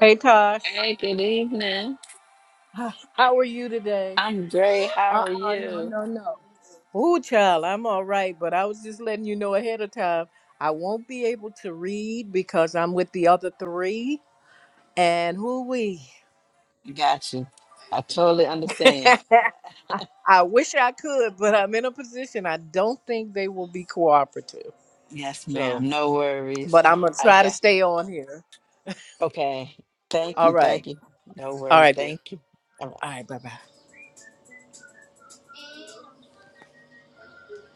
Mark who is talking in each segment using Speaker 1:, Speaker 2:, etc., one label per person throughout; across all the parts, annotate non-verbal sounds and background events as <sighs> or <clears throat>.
Speaker 1: Hey Tosh,
Speaker 2: Hey, good evening.
Speaker 1: <sighs> h- how are you today?
Speaker 2: I'm great.
Speaker 1: Uh
Speaker 2: How are
Speaker 1: uh no,
Speaker 2: you?
Speaker 1: no, no. Ooh, child, I'm all right, but I was just letting you know ahead of time. I won't be able to read because I'm with the other three, and who we?
Speaker 2: Got you. I totally understand.
Speaker 1: <laughs> I wish I could, but I'm in a position I don't think they will be cooperative.
Speaker 2: Yes,
Speaker 1: So,
Speaker 2: ma'am. No worries.
Speaker 1: but I'm gonna
Speaker 2: I
Speaker 1: try to
Speaker 2: got.
Speaker 1: stay on here.
Speaker 2: Okay. Thank
Speaker 1: All
Speaker 2: you.
Speaker 1: right,
Speaker 2: Thank you. No
Speaker 1: all
Speaker 2: worries.
Speaker 1: right, dear.
Speaker 2: Thank you. All right.
Speaker 1: All right, bye bye.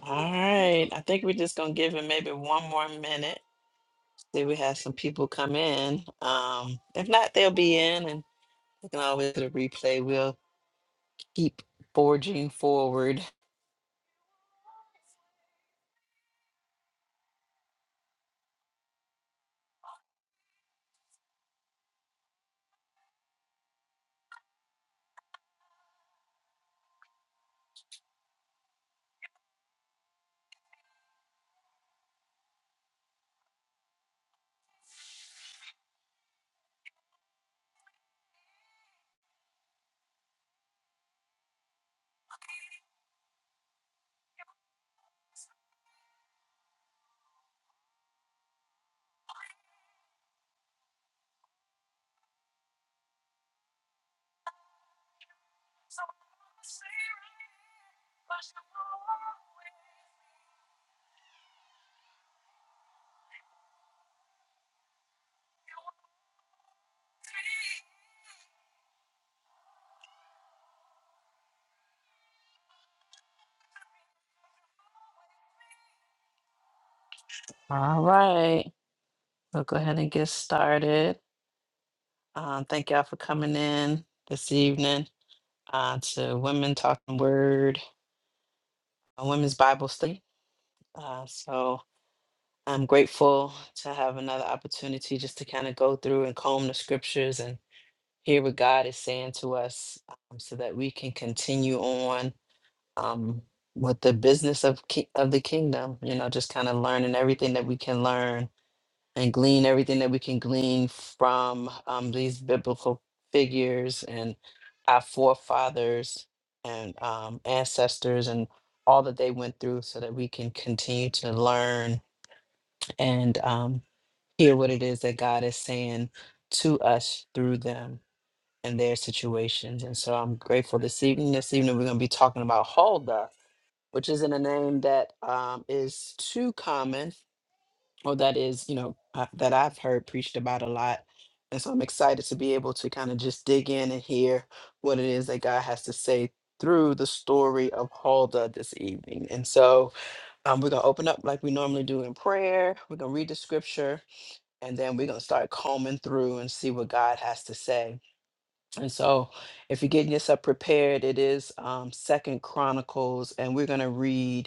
Speaker 2: All right. I think we're just gonna give it maybe one more minute. See, we have some people come in. Um, if not, they'll be in, and we can always do the replay. We'll keep forging forward. All right. We'll go ahead and get started. Um, thank y'all for coming in this evening uh, to Women Talking Word, a Women's Bible Study. Uh, so I'm grateful to have another opportunity just to kind of go through and comb the scriptures and hear what God is saying to us um, so that we can continue on um, with the business of, ki- of the kingdom, you know, just kind of learning everything that we can learn and glean everything that we can glean from um, these biblical figures and our forefathers and um, ancestors and all that they went through so that we can continue to learn and um, hear what it is that God is saying to us through them and their situations. And so I'm grateful this evening. This evening, we're going to be talking about Huldah, which isn't a name that um, is too common well that is you know uh, that i've heard preached about a lot and so i'm excited to be able to kind of just dig in and hear what it is that god has to say through the story of huldah this evening and so um, we're going to open up like we normally do in prayer we're going to read the scripture and then we're going to start combing through and see what god has to say and so if you're getting yourself prepared it is um, second chronicles and we're going to read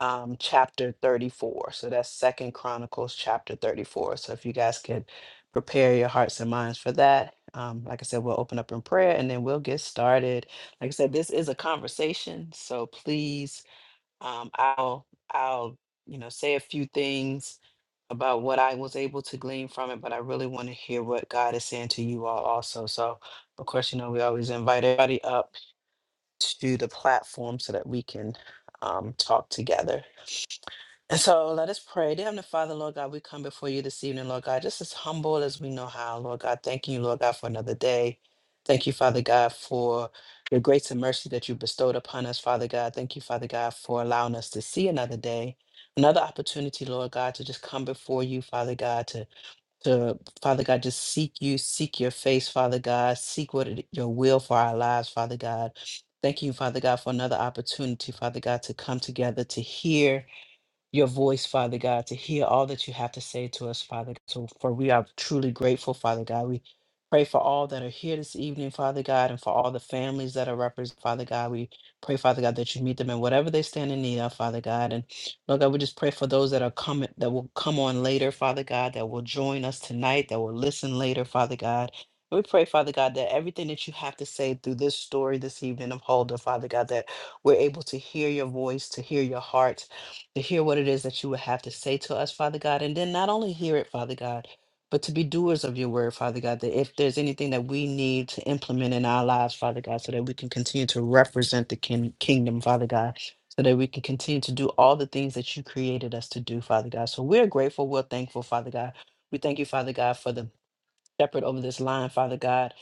Speaker 2: um, chapter 34. So that's Second Chronicles chapter 34. So if you guys could prepare your hearts and minds for that. Um, like I said, we'll open up in prayer and then we'll get started. Like I said, this is a conversation, so please, um, I'll I'll you know say a few things about what I was able to glean from it, but I really want to hear what God is saying to you all also. So of course, you know, we always invite everybody up to the platform so that we can um, talk together and so let us pray. Dear Heavenly Father, Lord God, we come before you this evening, Lord God, just as humble as we know how, Lord God. Thank you, Lord God, for another day. Thank you, Father God, for your grace and mercy that you bestowed upon us, Father God. Thank you, Father God, for allowing us to see another day, another opportunity, Lord God, to just come before you, Father God, to, to Father God, just seek you, seek your face, Father God, seek what it, your will for our lives, Father God. Thank you, Father God, for another opportunity, Father God, to come together to hear your voice, Father God, to hear all that you have to say to us, Father. So, for we are truly grateful, Father God. We pray for all that are here this evening, Father God, and for all the families that are represented, Father God. We pray, Father God, that you meet them in whatever they stand in need of, Father God. And Lord God, we just pray for those that are coming, that will come on later, Father God, that will join us tonight, that will listen later, Father God. We pray, Father God, that everything that you have to say through this story this evening of Holder, Father God, that we're able to hear your voice, to hear your heart, to hear what it is that you would have to say to us, Father God, and then not only hear it, Father God, but to be doers of your word, Father God, that if there's anything that we need to implement in our lives, Father God, so that we can continue to represent the kin- kingdom, Father God, so that we can continue to do all the things that you created us to do, Father God. So we're grateful, we're thankful, Father God. We thank you, Father God, for the shepherd over this line, Father God.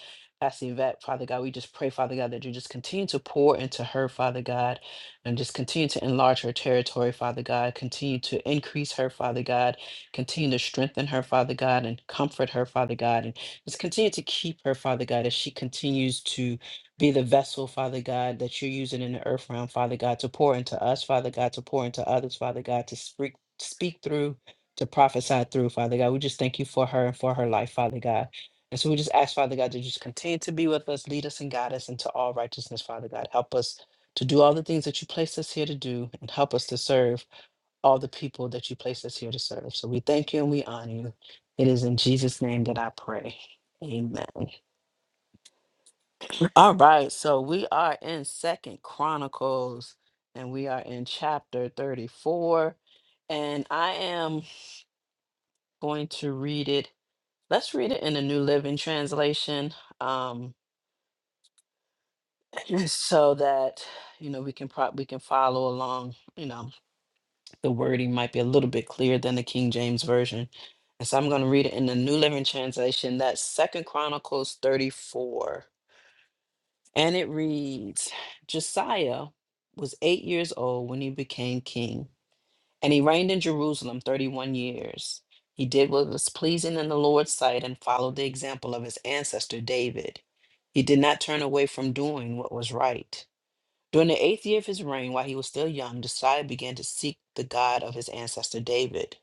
Speaker 2: Pastor Yvette, Father God, we just pray, Father God, that you just continue to pour into her, Father God, and just continue to enlarge her territory, Father God. Continue to increase her, Father God. Continue to strengthen her, Father God, and comfort her, Father God. And just continue to keep her, Father God, as she continues to be the vessel, Father God, that you're using in the earth realm, Father God, to pour into us, Father God, to pour into others, Father God, to speak speak through to prophesy through, Father God. We just thank you for her and for her life, Father God. And so we just ask, Father God, to just continue to be with us, lead us and guide us into all righteousness, Father God. Help us to do all the things that you placed us here to do and help us to serve all the people that you placed us here to serve. So we thank you and we honor you. It is in Jesus' name that I pray. Amen. All right. So we are in Second Chronicles and we are in chapter 34. And I am going to read it Let's read it in the New Living Translation, um, <clears throat> so that you know we can pro- we can follow along. You know, the wording might be a little bit clearer than the King James version, and so I'm going to read it in the New Living Translation. That's Second Chronicles 34, and it reads: Josiah was eight years old when he became king. And he reigned in Jerusalem 31 years. He did what was pleasing in the Lord's sight and followed the example of his ancestor David. He did not turn away from doing what was right. During the eighth year of his reign, while he was still young, Josiah began to seek the God of his ancestor David.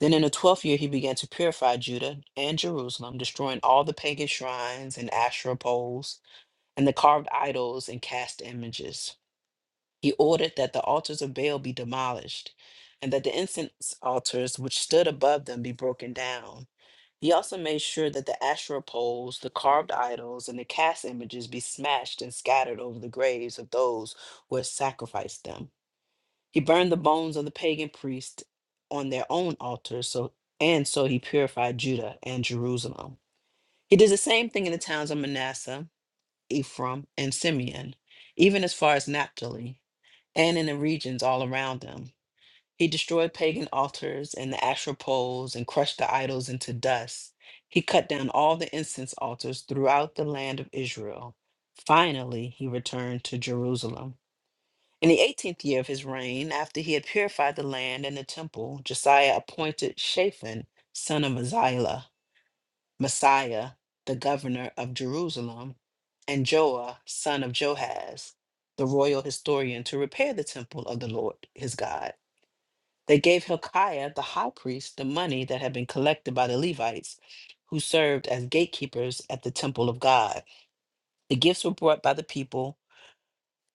Speaker 2: Then in the twelfth year, he began to purify Judah and Jerusalem, destroying all the pagan shrines and Asherah poles and the carved idols and cast images. He ordered that the altars of Baal be demolished, and that the incense altars which stood above them be broken down. He also made sure that the Asherah poles, the carved idols, and the cast images be smashed and scattered over the graves of those who had sacrificed them. He burned the bones of the pagan priests on their own altars, so and so he purified Judah and Jerusalem. He did the same thing in the towns of Manasseh, Ephraim, and Simeon, even as far as Naphtali, and in the regions all around them. He destroyed pagan altars and the asher poles and crushed the idols into dust. He cut down all the incense altars throughout the land of Israel. Finally, he returned to Jerusalem. In the 18th year of his reign, after he had purified the land and the temple, Josiah appointed Shaphan, son of Azilah, Messiah, the governor of Jerusalem, and Joah, son of Johaz, the royal historian, to repair the temple of the Lord his God. They gave Hilkiah, the high priest, the money that had been collected by the Levites, who served as gatekeepers at the temple of God. The gifts were brought by the people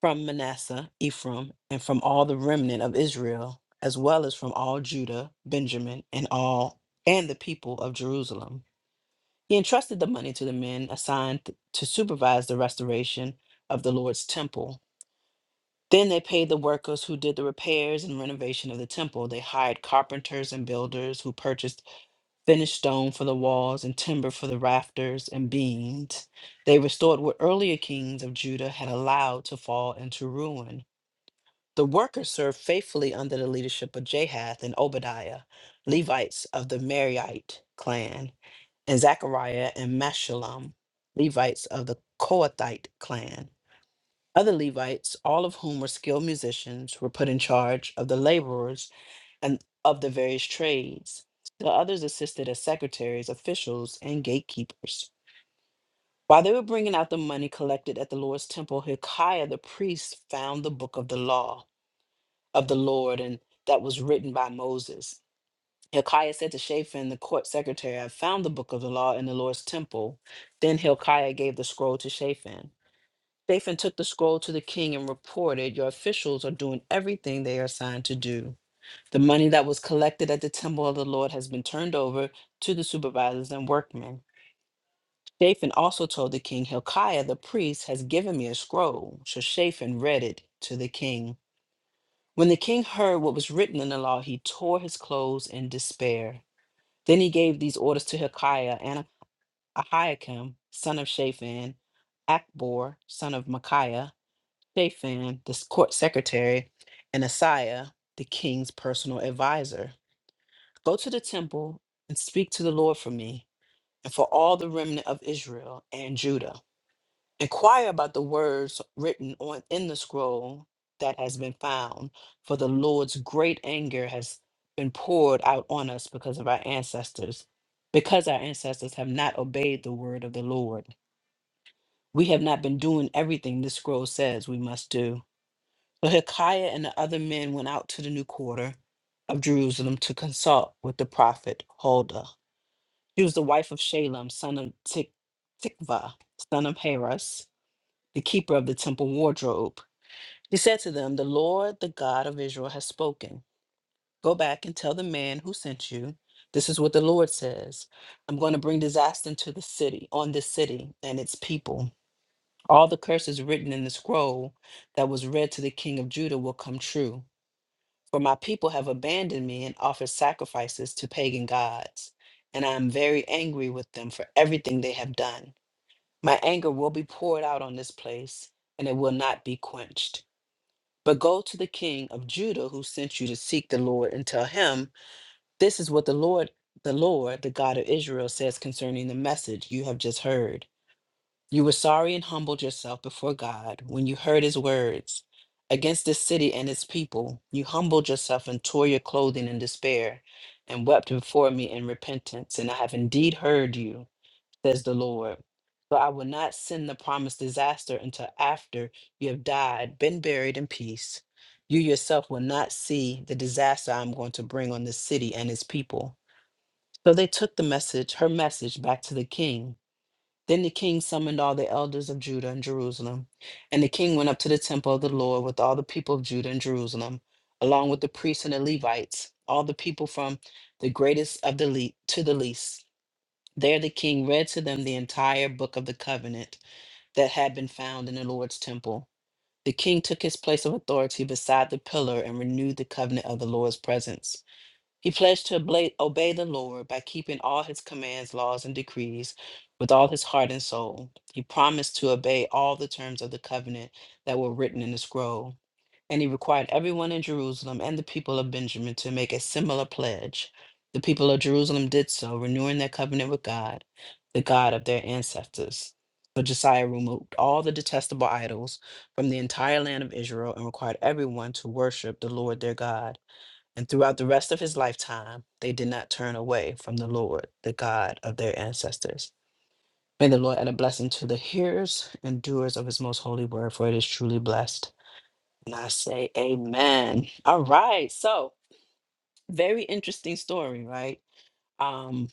Speaker 2: from Manasseh, Ephraim, and from all the remnant of Israel, as well as from all Judah, Benjamin, and all and the people of Jerusalem. He entrusted the money to the men assigned t- to supervise the restoration of the Lord's temple. Then they paid the workers who did the repairs and renovation of the temple. They hired carpenters and builders who purchased finished stone for the walls and timber for the rafters and beams. They restored what earlier kings of Judah had allowed to fall into ruin. The workers served faithfully under the leadership of Jahath and Obadiah, Levites of the Merarite clan and Zechariah and Meshullam, Levites of the Kohathite clan. Other Levites, all of whom were skilled musicians, were put in charge of the laborers and of the various trades. The others assisted as secretaries, officials, and gatekeepers. While they were bringing out the money collected at the Lord's temple, Hilkiah the priest found the book of the law of the Lord and that was written by Moses. Hilkiah said to Shaphan, the court secretary, I found the book of the law in the Lord's temple. Then Hilkiah gave the scroll to Shaphan. Shaphan took the scroll to the king and reported, Your officials are doing everything they are assigned to do. The money that was collected at the temple of the Lord has been turned over to the supervisors and workmen. Shaphan also told the king, Hilkiah the priest has given me a scroll. So Shaphan read it to the king. When the king heard what was written in the law, he tore his clothes in despair. Then he gave these orders to Hilkiah and Ahiakim, son of Shaphan, Akbor, son of Micaiah, Shaphan, the s- court secretary, and Asaiah, the king's personal advisor. Go to the temple and speak to the Lord for me and for all the remnant of Israel and Judah. Inquire about the words written on in the scroll that has been found, for the Lord's great anger has been poured out on us because of our ancestors, because our ancestors have not obeyed the word of the Lord. We have not been doing everything this scroll says we must do. So Hilkiah and the other men went out to the new quarter of Jerusalem to consult with the prophet Huldah. She was the wife of Shalem, son of Tik- Tikva, son of Harus the keeper of the temple wardrobe. He said to them, The Lord, the God of Israel, has spoken. Go back and tell the man who sent you, This is what the Lord says I'm going to bring disaster into the city, on this city and its people. All the curses written in the scroll that was read to the king of Judah will come true. For my people have abandoned me and offered sacrifices to pagan gods. And I am very angry with them for everything they have done. My anger will be poured out on this place, and it will not be quenched. But go to the king of Judah who sent you to seek the Lord and tell him, This is what the Lord, the Lord, the God of Israel, says concerning the message you have just heard. You were sorry and humbled yourself before God when you heard his words. Against this city and its people, you humbled yourself and tore your clothing in despair and wept before me in repentance. And I have indeed heard you says the Lord. So I will not send the promised disaster until after you have died, been buried in peace. You yourself will not see the disaster I'm going to bring on this city and its people. So they took the message, her message, back to the king. Then the king summoned all the elders of Judah and Jerusalem. And the king went up to the temple of the Lord with all the people of Judah and Jerusalem, along with the priests and the Levites, all the people from the greatest of the le- to the least. There the king read to them the entire book of the covenant that had been found in the Lord's temple. The king took his place of authority beside the pillar and renewed the covenant of the Lord's presence. He pledged to obla- obey the Lord by keeping all his commands, laws, and decrees with all his heart and soul. He promised to obey all the terms of the covenant that were written in the scroll. And he required everyone in Jerusalem and the people of Benjamin to make a similar pledge. The people of Jerusalem did so, renewing their covenant with God, the God of their ancestors. So Josiah removed all the detestable idols from the entire land of Israel and required everyone to worship the Lord their God. And throughout the rest of his lifetime, they did not turn away from the Lord, the God of their ancestors. May the Lord add a blessing to the hearers and doers of his most holy word, for it is truly blessed. And I say, Amen. All right. So, very interesting story, right? Um,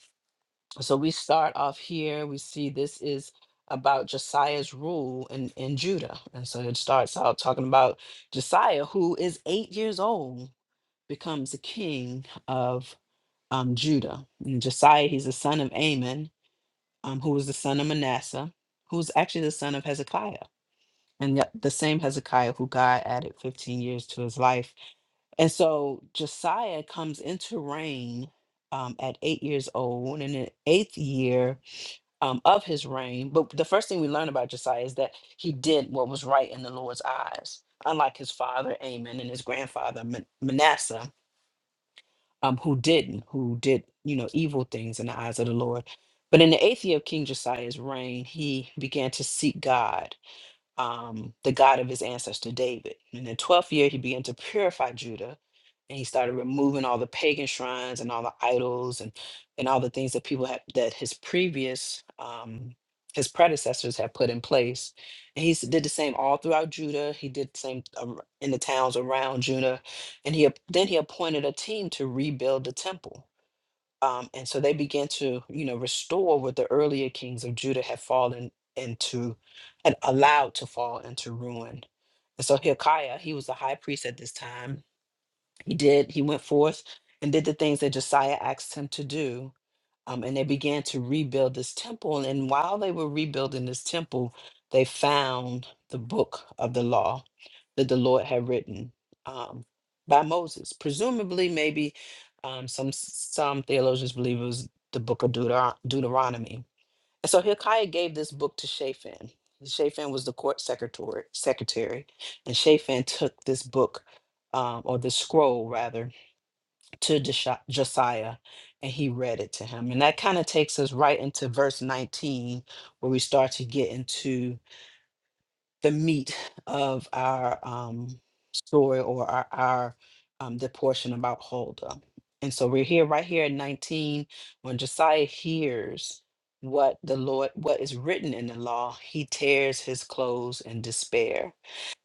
Speaker 2: so, we start off here. We see this is about Josiah's rule in, in Judah. And so, it starts out talking about Josiah, who is eight years old, becomes the king of um, Judah. And Josiah, he's the son of Amon, um, who was the son of Manasseh, who was actually the son of Hezekiah. And yet the same Hezekiah who God added 15 years to his life. And so Josiah comes into reign um, at eight years old, and in the eighth year um, of his reign. But the first thing we learn about Josiah is that he did what was right in the Lord's eyes, unlike his father Amon and his grandfather Man- Manasseh um, who didn't, who did, you know, evil things in the eyes of the Lord. But in the eighth year of King Josiah's reign, he began to seek God um, the God of his ancestor David. In the 12th year, he began to purify Judah and he started removing all the pagan shrines and all the idols and, and all the things that people had, that his previous, um, his predecessors had put in place. And he s- did the same all throughout Judah. He did the same um, in the towns around Judah. And he, ap- then he appointed a team to rebuild the temple. Um, and so they began to, you know, restore what the earlier kings of Judah had fallen into, had allowed to fall into ruin. And so Hilkiah, he was the high priest at this time. He did, he went forth and did the things that Josiah asked him to do um, and they began to rebuild this temple. And while they were rebuilding this temple, they found the book of the law that the Lord had written um, by Moses. Presumably, maybe um, some some theologians believe it was the book of Deuter- Deuteronomy. And so Hilkiah gave this book to Shaphan. Shaphan was the court secretary, secretary, and Shaphan took this book, um, or this scroll rather, to Jesha- Josiah and he read it to him. And that kind of takes us right into verse 19, where we start to get into the meat of our um, story or our, our um, the portion about Huldah. And so we're here right here at 19 when Josiah hears what the Lord what is written in the law, he tears his clothes in despair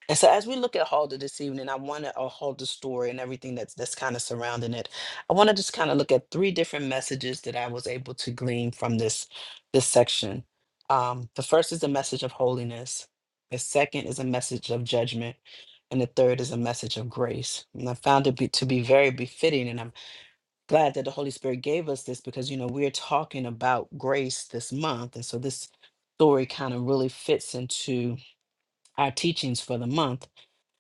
Speaker 2: and so as we look at Halda this evening, I want to uh, Halda's story and everything that's that's kind of surrounding it. I want to just kind of look at three different messages that I was able to glean from this this section. Um, the first is a message of holiness. The second is a message of judgment, and the third is a message of grace. And I found it be, to be very befitting, and I'm glad that the Holy Spirit gave us this because you know we're talking about grace this month, and so this story kind of really fits into our teachings for the month.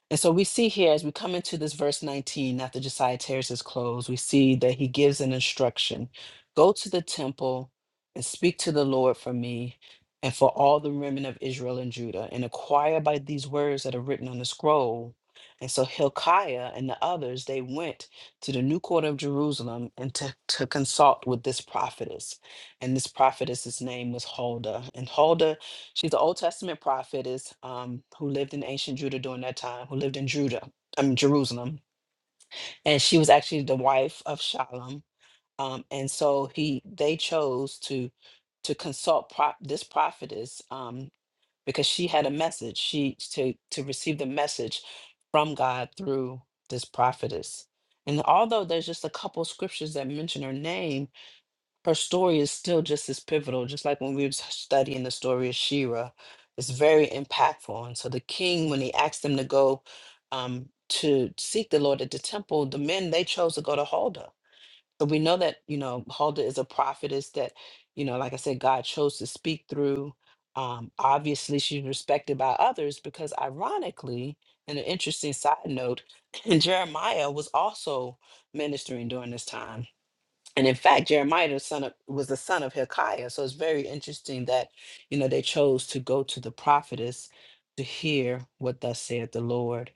Speaker 2: And so we see here as we come into this verse 19, after Josiah tears his clothes, we see that he gives an instruction go to the temple and speak to the Lord for me and for all the remnant of Israel and Judah, and acquire by these words that are written on the scroll. And so Hilkiah and the others, they went to the new quarter of Jerusalem and to, to consult with this prophetess. And this prophetess's name was Huldah. And Huldah She's an Old Testament prophetess um, who lived in ancient Judah during that time, who lived in Judah, I mean Jerusalem, and she was actually the wife of Shalom. Um, and so he, they chose to to consult prop, this prophetess um, because she had a message. She to to receive the message from God through this prophetess. And although there's just a couple scriptures that mention her name, her story is still just as pivotal, just like when we were studying the story of Shira. It's very impactful. And so the king, when he asked them to go um, to seek the Lord at the temple, the men they chose to go to Huldah. So we know that you know Huldah is a prophetess that you know, like I said, God chose to speak through. Um, obviously, she's respected by others because, ironically, and an interesting side note, <laughs> Jeremiah was also ministering during this time and in fact jeremiah the son of, was the son of hilkiah so it's very interesting that you know they chose to go to the prophetess to hear what thus saith the lord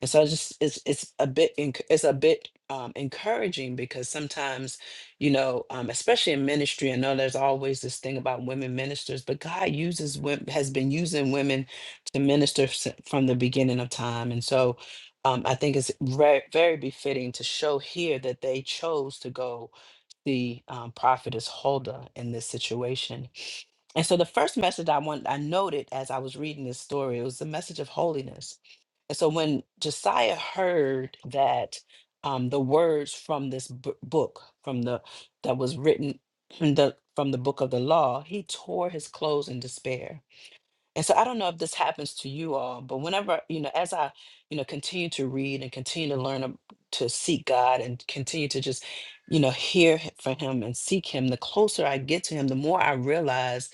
Speaker 2: and so it's just it's it's a bit enc- it's a bit um, encouraging because sometimes you know um, especially in ministry i know there's always this thing about women ministers but god uses women has been using women to minister s- from the beginning of time and so um, i think it's very, very befitting to show here that they chose to go the um, prophetess Huldah in this situation. And so the first message I want I noted as I was reading this story, it was the message of holiness. And so when Josiah heard that um, the words from this b- book, from the that was written <clears throat> the from the book of the law, he tore his clothes in despair and so I don't know if this happens to you all, but whenever, you know, as I, you know, continue to read and continue to learn ab- to seek God and continue to just, you know, hear h- from him and seek him, the closer I get to him, the more I realize,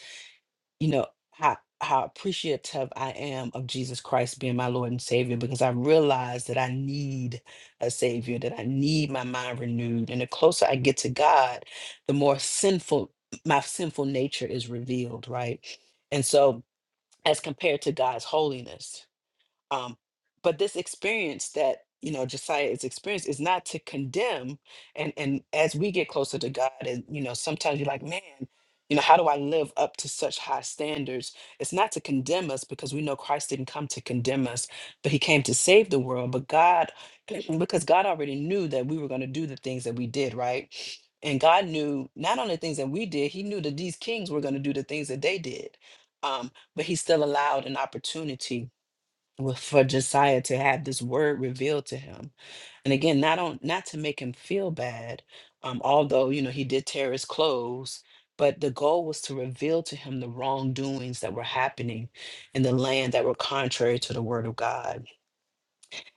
Speaker 2: you know, how how appreciative I am of Jesus Christ being my Lord and Savior because I realize that I need a Savior, that I need my mind renewed. And the closer I get to God, the more sinful my sinful nature is revealed, right? And so as compared to God's holiness. Um, but this experience that you know Josiah is experienced is not to condemn. And and as we get closer to God, and you know, sometimes you're like, man, you know, how do I live up to such high standards? It's not to condemn us because we know Christ didn't come to condemn us, but He came to save the world. But God, <clears throat> because God already knew that we were going to do the things that we did, right? And God knew not only the things that we did, He knew that these kings were going to do the things that they did. Um, but He still allowed an opportunity wa- for Josiah to have this word revealed to him. And again, not on not to make him feel bad, um, although you know he did tear his clothes, but the goal was to reveal to him the wrongdoings that were happening in the land that were contrary to the word of God.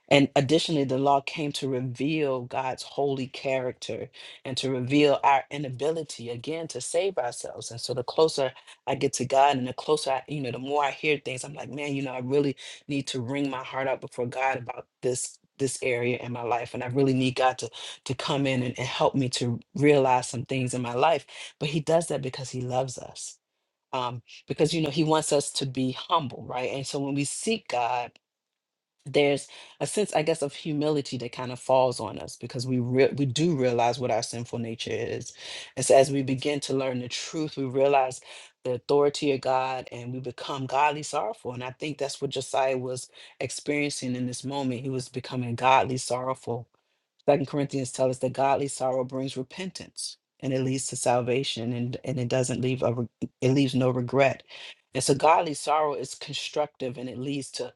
Speaker 2: And additionally, the law came to reveal God's holy character and to reveal our inability again to save ourselves. And so the closer I get to God and the closer I, you know, the more I hear things, I'm like, man, you know, I really need to wring my heart out before God about this this area in my life and i really need god to to come in and, and help me to realize some things in my life but he does that because he loves us um because you know he wants us to be humble right and so when we seek god there's a sense i guess of humility that kind of falls on us because we re- we do realize what our sinful nature is and so as we begin to learn the truth we realize the authority of god and we become godly sorrowful and i think that's what josiah was experiencing in this moment he was becoming godly sorrowful Second Corinthians tells us that godly sorrow brings repentance and it leads to salvation and, and it doesn't leave a re- it leaves no regret. And so godly sorrow is constructive and it leads to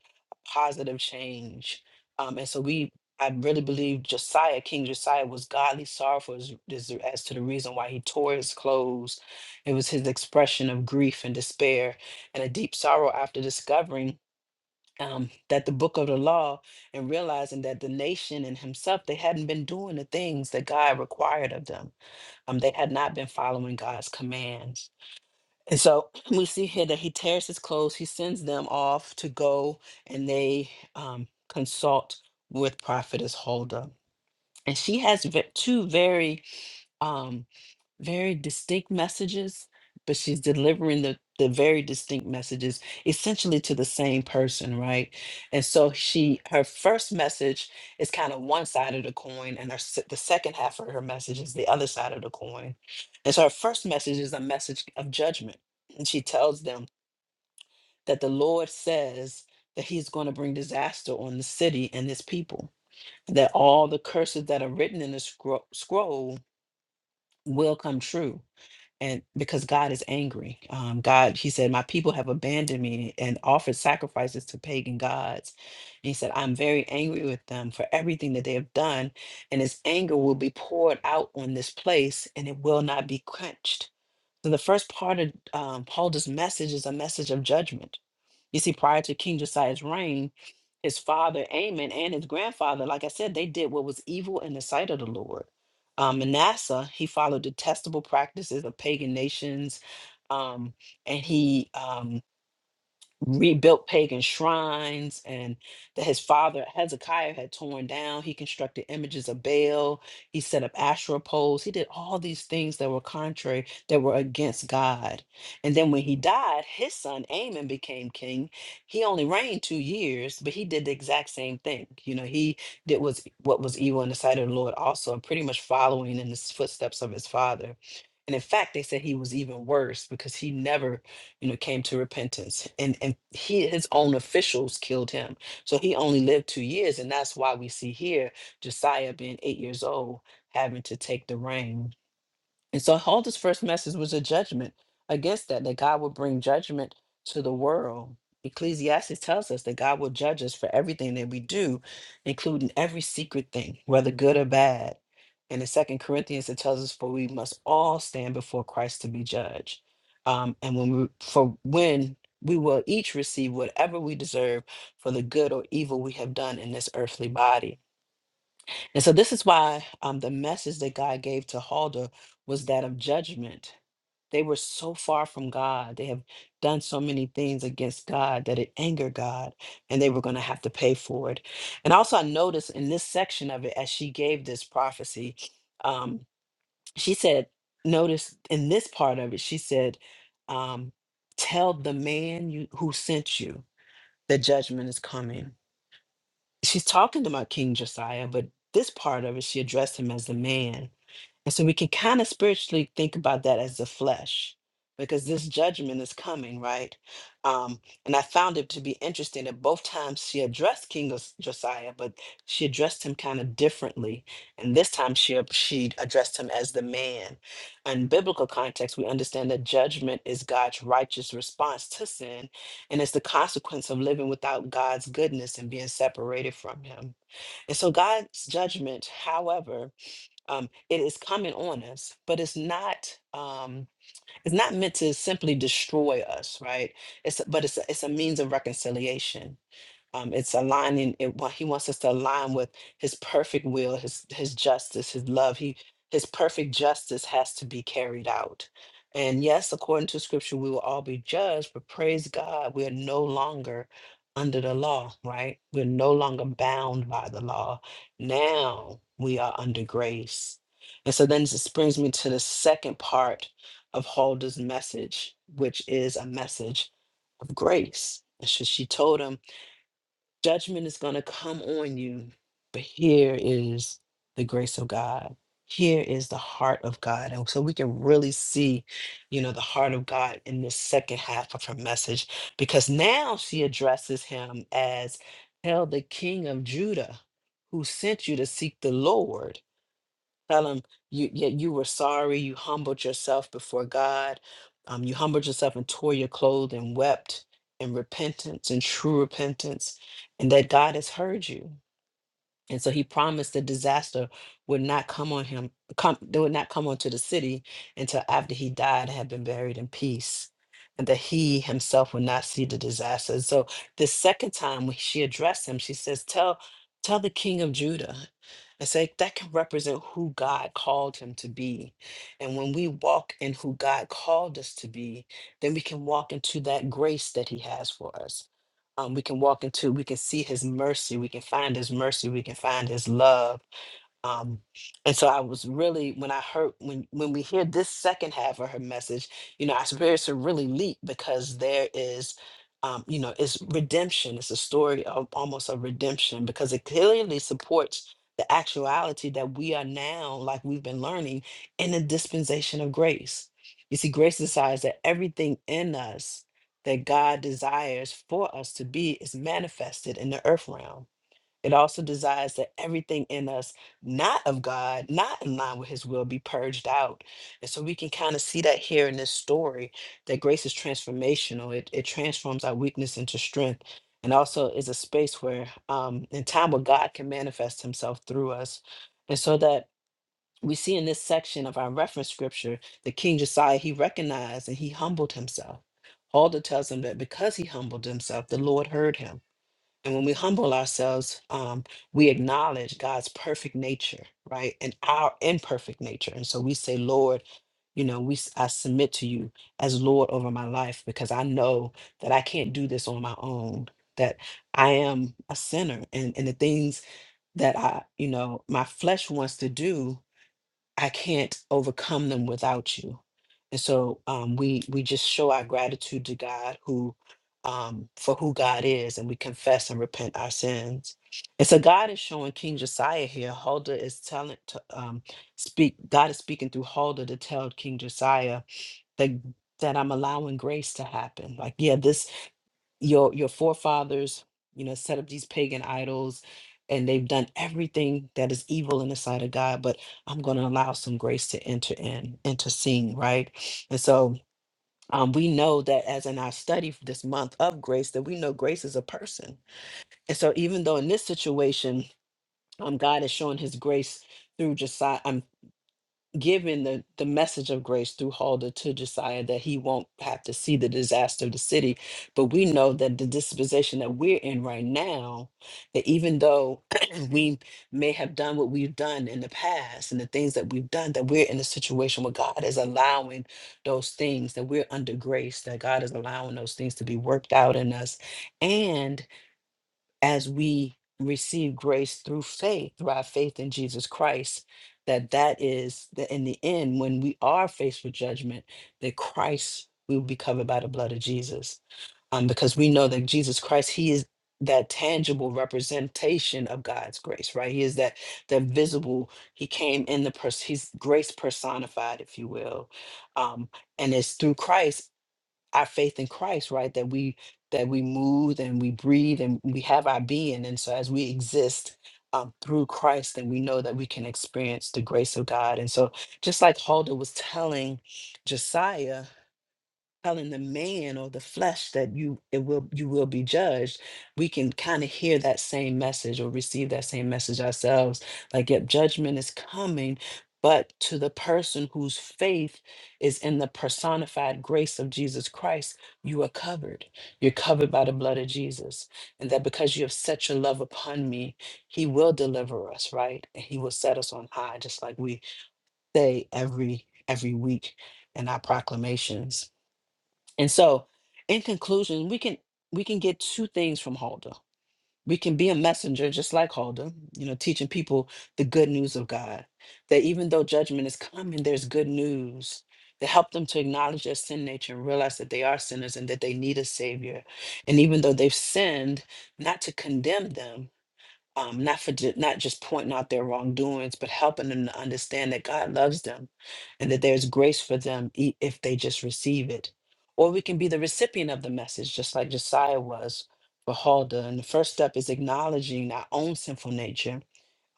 Speaker 2: positive change. Um, and so we I really believe Josiah, King Josiah, was godly sorrowful as, as as to the reason why he tore his clothes. It was his expression of grief and despair and a deep sorrow after discovering um, that the book of the law and realizing that the nation and himself they hadn't been doing the things that god required of them um, they had not been following god's commands and so <clears throat> we see here that he tears his clothes he sends them off to go and they um, consult with prophetess huldah and she has ve- two very um, very distinct messages, but she's delivering the, the very distinct messages essentially to the same person, right? And so she her first message is kind of one side of the coin, and her se- the second half of her message is the other side of the coin. And so her first message is a message of judgment, and she tells them that the Lord says that He's going to bring disaster on the city and this people. That all the curses that are written in the scro- scroll will come true and because God is angry. Um, God, he said, My people have abandoned me and offered sacrifices to pagan gods. And he said, I'm very angry with them for everything that they have done, and his anger will be poured out on this place and it will not be quenched. So the first part of um, Paul's message is a message of judgment you see, prior to King Josiah's reign, his father Amon and his grandfather, like I said, they did what was evil in the sight of the Lord. Um, Manasseh, he followed detestable practices of pagan nations, um, and he um, rebuilt pagan shrines and that his father Hezekiah had torn down. He constructed images of Baal. He set up Asherah poles. He did all these things that were contrary, that were against God. And then when he died, his son Amon became king. He only reigned two years, but he did the exact same thing. You know, he did was what was evil in the sight of the Lord also, and pretty much following in the footsteps of his father. And in fact, they said he was even worse because he never you know, came to repentance, and and he his own officials killed him. So he only lived two years, and that's why we see here Josiah being eight years old having to take the reign and so Hulda's first message was a judgment against that, that God would bring judgment to the world. Ecclesiastes tells us that God will judge us for everything that we do, including every secret thing, whether good or bad. And in Second Corinthians, it tells us, for we must all stand before Christ to be judged. Um, and when we, for when we will each receive whatever we deserve for the good or evil we have done in this earthly body. And so this is why um, the message that God gave to Huldah was that of judgment. They were so far from God. They have done so many things against God that it angered God, and they were going to have to pay for it. And also, I noticed in this section of it, as she gave this prophecy, um, she said, Notice in this part of it, she said, um, Tell the man you, who sent you that judgment is coming she's talking about King Josiah, but this part of it, she addressed him as a man. And so we can kind of spiritually think about that as the flesh, because this judgment is coming, right? Um, and I found it to be interesting that both times she addressed King Os- Josiah, but she addressed him kind of differently. And this time she ab- she addressed him as the man. In biblical context, we understand that judgment is God's righteous response to sin, and it's the consequence of living without God's goodness and being separated from Him. And so God's judgment, however, um, it is coming on us but it's not um, it's not meant to simply destroy us right it's but it's a, it's a means of reconciliation um, it's aligning. It, wa- he wants us to align with His perfect will, His His justice, His love. He His perfect justice has to be carried out. And yes, according to Scripture, we will all be judged. But praise God, we are no longer under the law. Right? We're no longer bound by the law. Now we are under grace. And so then this brings me to the second part of Holder's message, which is a message of grace. And so she told him Judgment is going to come on you, but here is the grace of God. Here is the heart of God. And so we can really see, you know, the heart of God in this second half of her message because now she addresses him as, Tell the king of Judah who sent you to seek the Lord. Tell him you yeah, you were sorry. You humbled yourself before God. Um, you humbled yourself and tore your clothes and wept in repentance and true repentance, and that God has heard you. And so he promised the disaster would not come on him, come that would not come onto the city until after he died and had been buried in peace, and that he himself would not see the disaster. And so the second time when she addressed him, she says, Tell tell the king of Judah. And say that can represent who God called him to be. And when we walk in who God called us to be, then we can walk into that grace that he has for us um, we can walk into, we can see his mercy, we can find his mercy, we can find his love, um, and so I was really when I heard when when we hear this second half of her message, you know, our spirits are really leap because there is, um, you know, it's redemption. It's a story of almost a redemption because it clearly supports the actuality that we are now, like we've been learning, in a dispensation of grace. You see, grace decides that everything in us that God desires for us to be is manifested in the earth realm it also desires that everything in us, not of God, not in line with his will, be purged out. And so we can kind of see that here in this story that grace is transformational. It, it transforms our weakness into strength and also is a space where, um, in time, where God can manifest himself through us. And so that we see in this section of our reference scripture the King Josiah, he recognized and he humbled himself. Alder tells him that because he humbled himself, the Lord heard him. And when we humble ourselves, um, we acknowledge God's perfect nature, right? And our imperfect nature. And so we say, Lord, you know, we s- I submit to you as Lord over my life because I know that I can't do this on my own, that I am a sinner and, and the things that I, you know, my flesh wants to do. I can't overcome them without you. And so um, we we just show our gratitude to God who um, for who God is, and we confess and repent our sins. And so God is showing King Josiah here. Huldah is telling to um, speak. God is speaking through Huldah to tell King Josiah that that I'm allowing grace to happen. Like yeah, this your your forefathers you know set up these pagan idols and they've done everything that is evil in the sight of god but i'm going to allow some grace to enter in intercede right and so um, we know that as in our study for this month of grace that we know grace is a person and so even though in this situation um, god is showing his grace through josiah given the, the message of grace through Huldah to Josiah that he won't have to see the disaster of the city. But we know that the disposition that we're in right now, that even though <clears throat> we may have done what we've done in the past and the things that we've done, that we're in a situation where God is allowing those things, that we're under grace, that God is allowing those things to be worked out in us. and as we receive grace through faith through our faith in jesus christ that that is that in the end when we are faced with judgment that christ we will be covered by the blood of jesus um, because we know that jesus christ he is that tangible representation of god's grace right he is that that visible he came in the person he's grace personified if you will um, and it's through christ our faith in Christ, right? That we that we move and we breathe and we have our being, and so as we exist um, through Christ, then we know that we can experience the grace of God. And so, just like Huldah was telling Josiah, telling the man or the flesh that you it will you will be judged we can kind of hear that same message or receive that same message ourselves like yep judgment is coming but to the person whose faith is in the personified grace of Jesus Christ, you are covered. You're covered by the blood of Jesus. And that because you have set your love upon me, he will deliver us, right? And he will set us on high, just like we say every every week in our proclamations. And so, in conclusion, we can we can get two things from Huldah. We can be a messenger, just like Huldah, you know, teaching people the good news of God. That even though judgment is coming, there's good news to help them to acknowledge their sin nature and realize that they are sinners and that they need a savior. And even though they've sinned, not to condemn them, um, not for ju- not just pointing out their wrongdoings, but helping them to understand that God loves them and that there's grace for them e- if they just receive it. Or we can be the recipient of the message, just like Josiah was for Huldah. And the first step is acknowledging our own sinful nature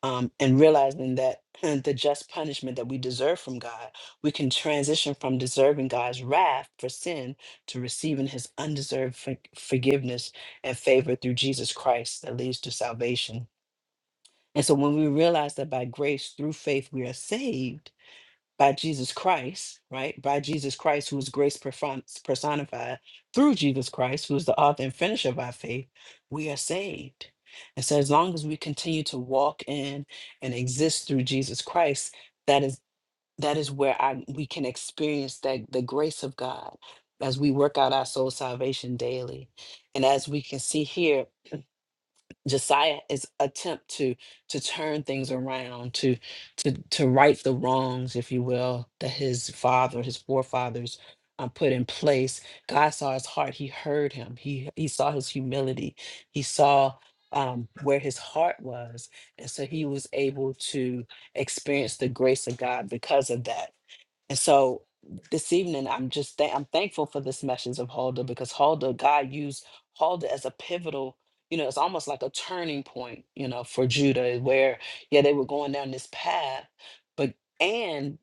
Speaker 2: um, and realizing that <clears throat> the just punishment that we deserve from God, we can transition from deserving God's wrath for sin to receiving his undeserved for- forgiveness and favor through Jesus Christ that leads to salvation. And so when we realize that by grace through faith we are saved by Jesus Christ, right? By Jesus Christ, who is grace perfon- personified, through Jesus Christ, who is the author and finisher of our faith, we are saved. And so as long as we continue to walk in and exist through Jesus Christ, that is that is where I we can experience that the grace of God as we work out our soul salvation daily. And as we can see here Josiah is attempt to to turn things around, to to to right the wrongs, if you will, that his father, his forefathers um, put in place. God saw his heart. He heard him. He he saw his humility. He saw um, where his heart was, and so he was able to experience the grace of God because of that. And so this evening, I'm just thank I'm thankful for this message of Huldah because Huldah, God used Huldah as a pivotal, you know, it's almost like a turning point, you know, for Judah, where yeah, they were going down this path, but and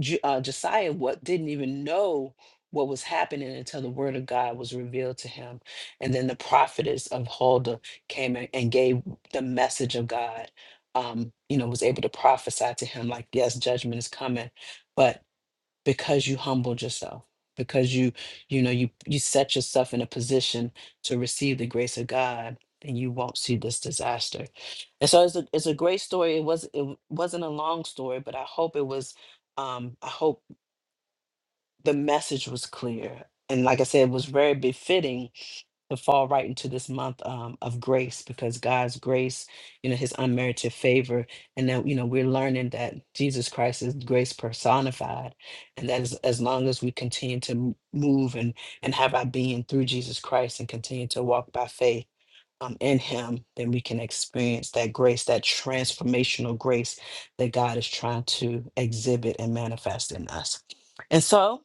Speaker 2: Ju- uh, Josiah what didn't even know what was happening until the word of God was revealed to him, and then the prophetess of Huldah came and, and gave the message of God. Um, you know, was able to prophesy to him like, yes, judgment is coming, but because you humbled yourself because you you know you you set yourself in a position to receive the grace of god and you won't see this disaster and so it's a, it's a great story it was it wasn't a long story but i hope it was um i hope the message was clear. And like I said, it was very befitting to fall right into this month um, of grace because God's grace, you know, his unmerited favor. And that, you know, we're learning that Jesus Christ is grace personified. And that is as long as we continue to m- move and, and have our being through Jesus Christ and continue to walk by faith um, in him, then we can experience that grace, that transformational grace that God is trying to exhibit and manifest in us. And so,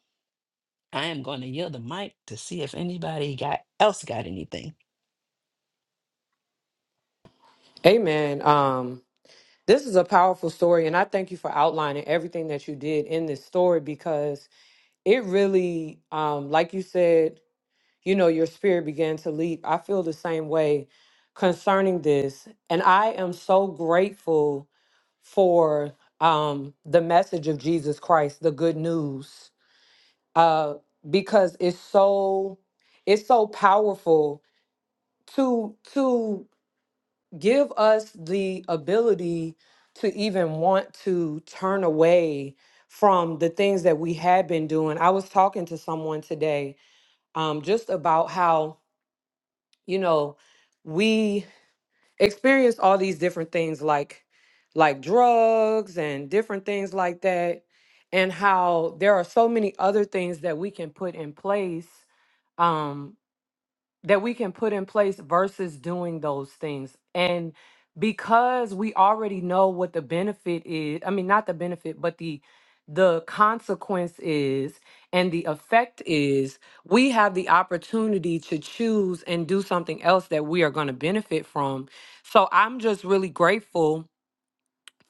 Speaker 2: I am going to yield the mic to see if anybody got else got anything.
Speaker 3: Amen. Um, this is a powerful story, and I thank you for outlining everything that you did in this story because it really, um, like you said, you know, your spirit began to leap. I feel the same way concerning this, and I am so grateful for um, the message of Jesus Christ, the good news, uh, because it's so it's so powerful to to give us the ability to even want to turn away from the things that we had been doing. I was talking to someone today um, just about how, you know, we experience all these different things like like drugs and different things like that and how there are so many other things that we can put in place um, that we can put in place versus doing those things. And because we already know what the benefit is, I mean not the benefit, but the the consequence is and the effect is we have the opportunity to choose and do something else that we are going to benefit from. So I'm just really grateful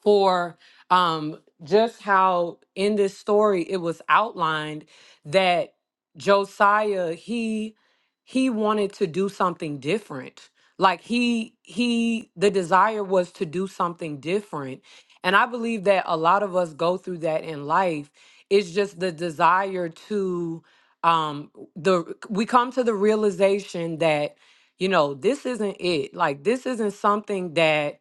Speaker 3: for um, just how in this story it was outlined that Josiah he he wanted to do something different. Like he he the desire was to do something different. And I believe that a lot of us go through that in life. It's just the desire to um the we come to the realization that you know this isn't it. Like this isn't something that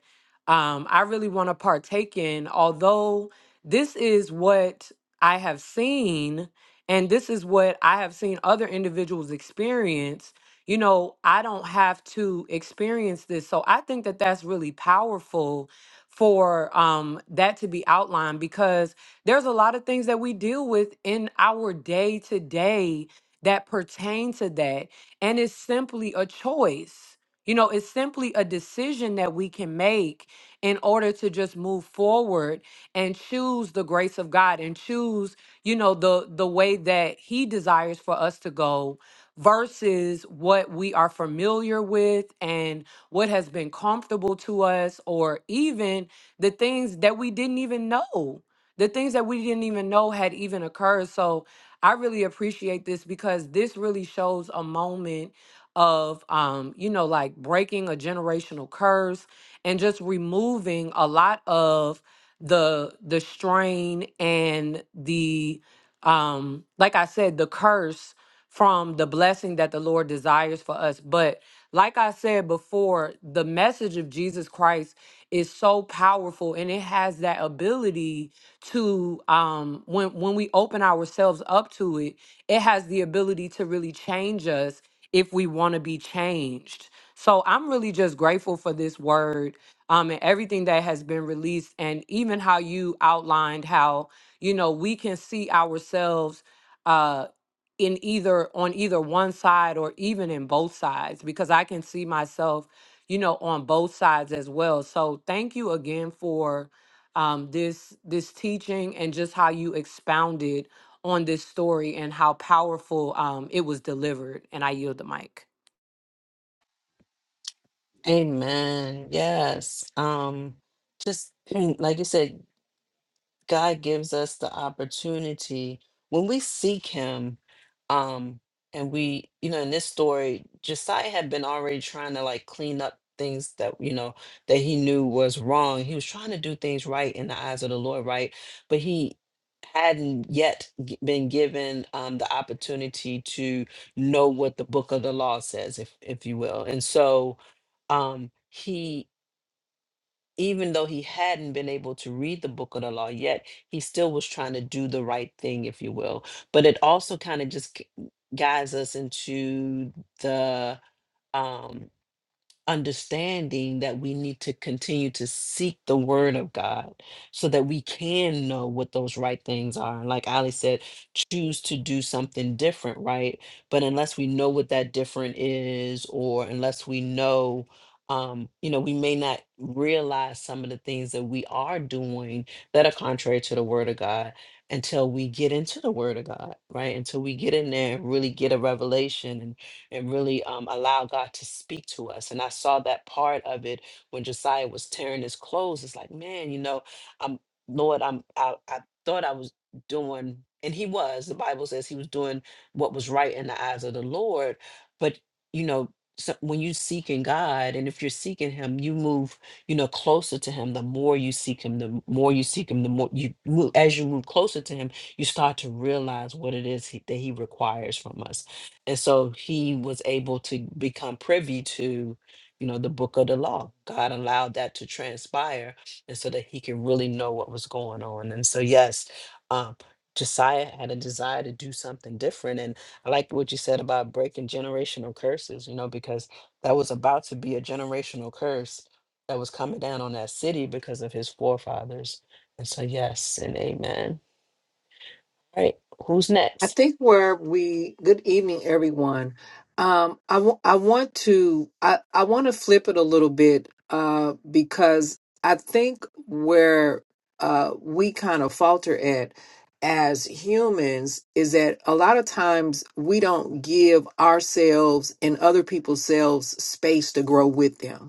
Speaker 3: um, I really want to partake in, although this is what I have seen, and this is what I have seen other individuals experience. You know, I don't have to experience this. So I think that that's really powerful for um, that to be outlined because there's a lot of things that we deal with in our day to day that pertain to that. And it's simply a choice. You know, it's simply a decision that we can make in order to just move forward and choose the grace of God and choose, you know, the the way that he desires for us to go versus what we are familiar with and what has been comfortable to us or even the things that we didn't even know. The things that we didn't even know had even occurred. So I really appreciate this because this really shows a moment of um you know like breaking a generational curse and just removing a lot of the the strain and the um like I said the curse from the blessing that the Lord desires for us but like I said before the message of Jesus Christ is so powerful and it has that ability to um when when we open ourselves up to it it has the ability to really change us if we want to be changed so I'm really just grateful for this word um, and everything that has been released, and even how you outlined how you know we can see ourselves uh, in either on either one side or even in both sides, because I can see myself, you know, on both sides as well. So thank you again for um, this this teaching and just how you expounded on this story and how powerful um, it was delivered. And I yield the mic.
Speaker 2: Amen. Yes. Um, just <clears throat> like you said, God gives us the opportunity when we seek him um and we you know in this story Josiah had been already trying to like clean up things that you know that he knew was wrong he was trying to do things right in the eyes of the Lord right but he hadn't yet g- been given um the opportunity to know what the book of the law says if if you will and so um he even though he hadn't been able to read the book of the law yet, he still was trying to do the right thing, if you will. But it also kind of just g- guides us into the um understanding that we need to continue to seek the word of God so that we can know what those right things are. And like Ali said, choose to do something different, right? But unless we know what that different is, or unless we know, um, you know, we may not realize some of the things that we are doing that are contrary to the word of God until we get into the word of God, right? Until we get in there and really get a revelation and really um, allow God to speak to us. And I saw that part of it when Josiah was tearing his clothes. It's like, man, you know, I'm Lord, I'm I, I thought I was doing, and he was. The Bible says he was doing what was right in the eyes of the Lord. But you know, so when you seeking God, and if you're seeking Him, you move, you know, closer to Him. The more you seek Him, the more you seek Him, the more you move. As you move closer to Him, you start to realize what it is he, that He requires from us and so he was able to become privy to you know the book of the law god allowed that to transpire and so that he could really know what was going on and so yes um josiah had a desire to do something different and i like what you said about breaking generational curses you know because that was about to be a generational curse that was coming down on that city because of his forefathers and so yes and amen all right who's
Speaker 4: I
Speaker 2: next
Speaker 4: think where we, good evening, everyone. Um, I wa- I want to, I, I want to flip it a little bit uh, because I think where uh, we kind of falter at as humans is that a lot of times we don't give ourselves and other people's selves space to grow with them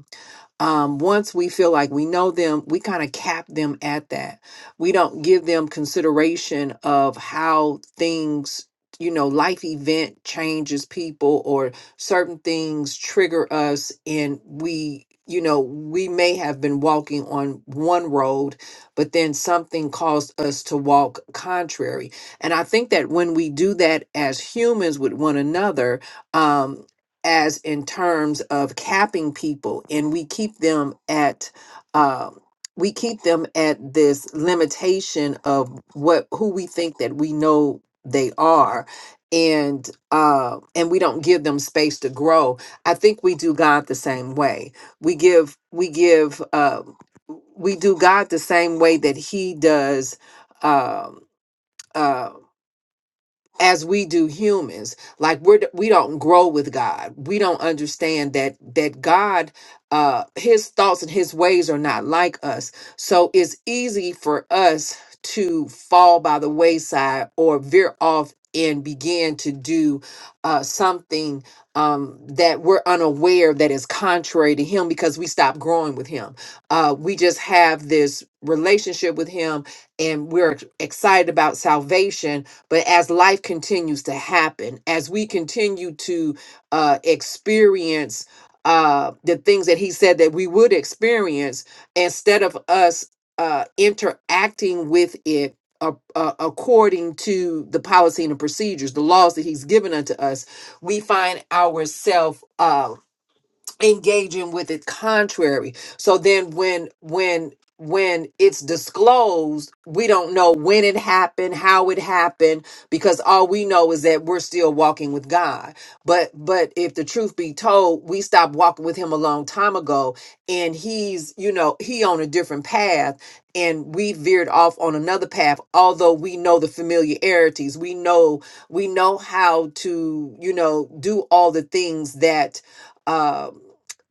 Speaker 4: um, once we feel like we know them, we kind of cap them at that. We don't give them consideration of how things, you know, life event changes people or certain things trigger us. And we, you know, we may have been walking on one road, but then something caused us to walk contrary. And I think that when we do that as humans with one another, um, as in terms of capping people and we keep them at um we keep them at this limitation of what who we think that we know they are and uh and we don't give them space to grow i think we do god the same way we give we give uh we do god the same way that he does um uh, as we do humans like we're we don't grow with god we don't understand that that god uh his thoughts and his ways are not like us so it's easy for us to fall by the wayside or veer off and begin to do uh, something um, that we're unaware that is contrary to him because we stop growing with him. Uh, we just have this relationship with him and we're excited about salvation but as life continues to happen, as we continue to uh, experience uh, the things that He said that we would experience, instead of us uh, interacting with it uh, uh, according to the policy and the procedures, the laws that He's given unto us, we find ourselves engaging with it contrary so then when when when it's disclosed we don't know when it happened how it happened because all we know is that we're still walking with god but but if the truth be told we stopped walking with him a long time ago and he's you know he on a different path and we veered off on another path although we know the familiarities we know we know how to you know do all the things that um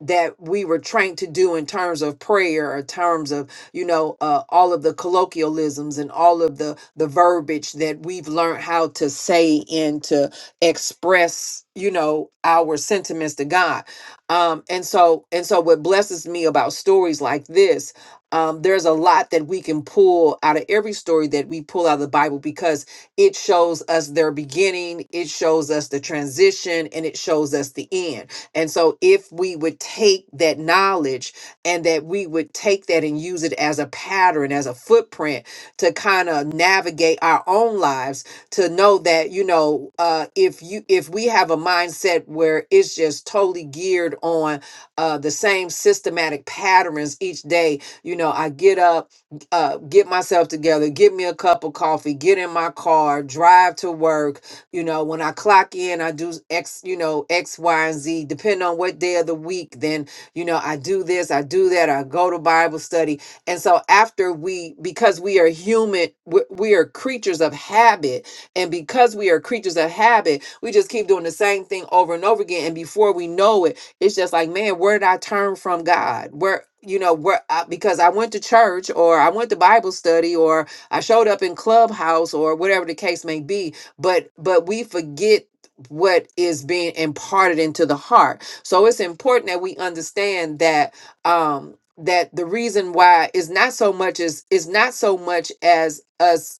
Speaker 4: that we were trained to do in terms of prayer or terms of you know uh, all of the colloquialisms and all of the the verbiage that we've learned how to say and to express you know our sentiments to god um and so and so what blesses me about stories like this um there's a lot that we can pull out of every story that we pull out of the bible because it shows us their beginning it shows us the transition and it shows us the end and so, if we would take that knowledge and that we would take that and use it as a pattern, as a footprint to kind of navigate our own lives, to know that you know, uh, if you if we have a mindset where it's just totally geared on uh, the same systematic patterns each day, you know, I get up, uh, get myself together, get me a cup of coffee, get in my car, drive to work you know when i clock in i do x you know x y and z depending on what day of the week then you know i do this i do that i go to bible study and so after we because we are human we we are creatures of habit and because we are creatures of habit we just keep doing the same thing over and over again and before we know it it's just like man where did i turn from god where you know where I, because i went to church or i went to bible study or i showed up in clubhouse or whatever the case may be but but we forget what is being imparted into the heart so it's important that we understand that um that the reason why is not so much as is not so much as us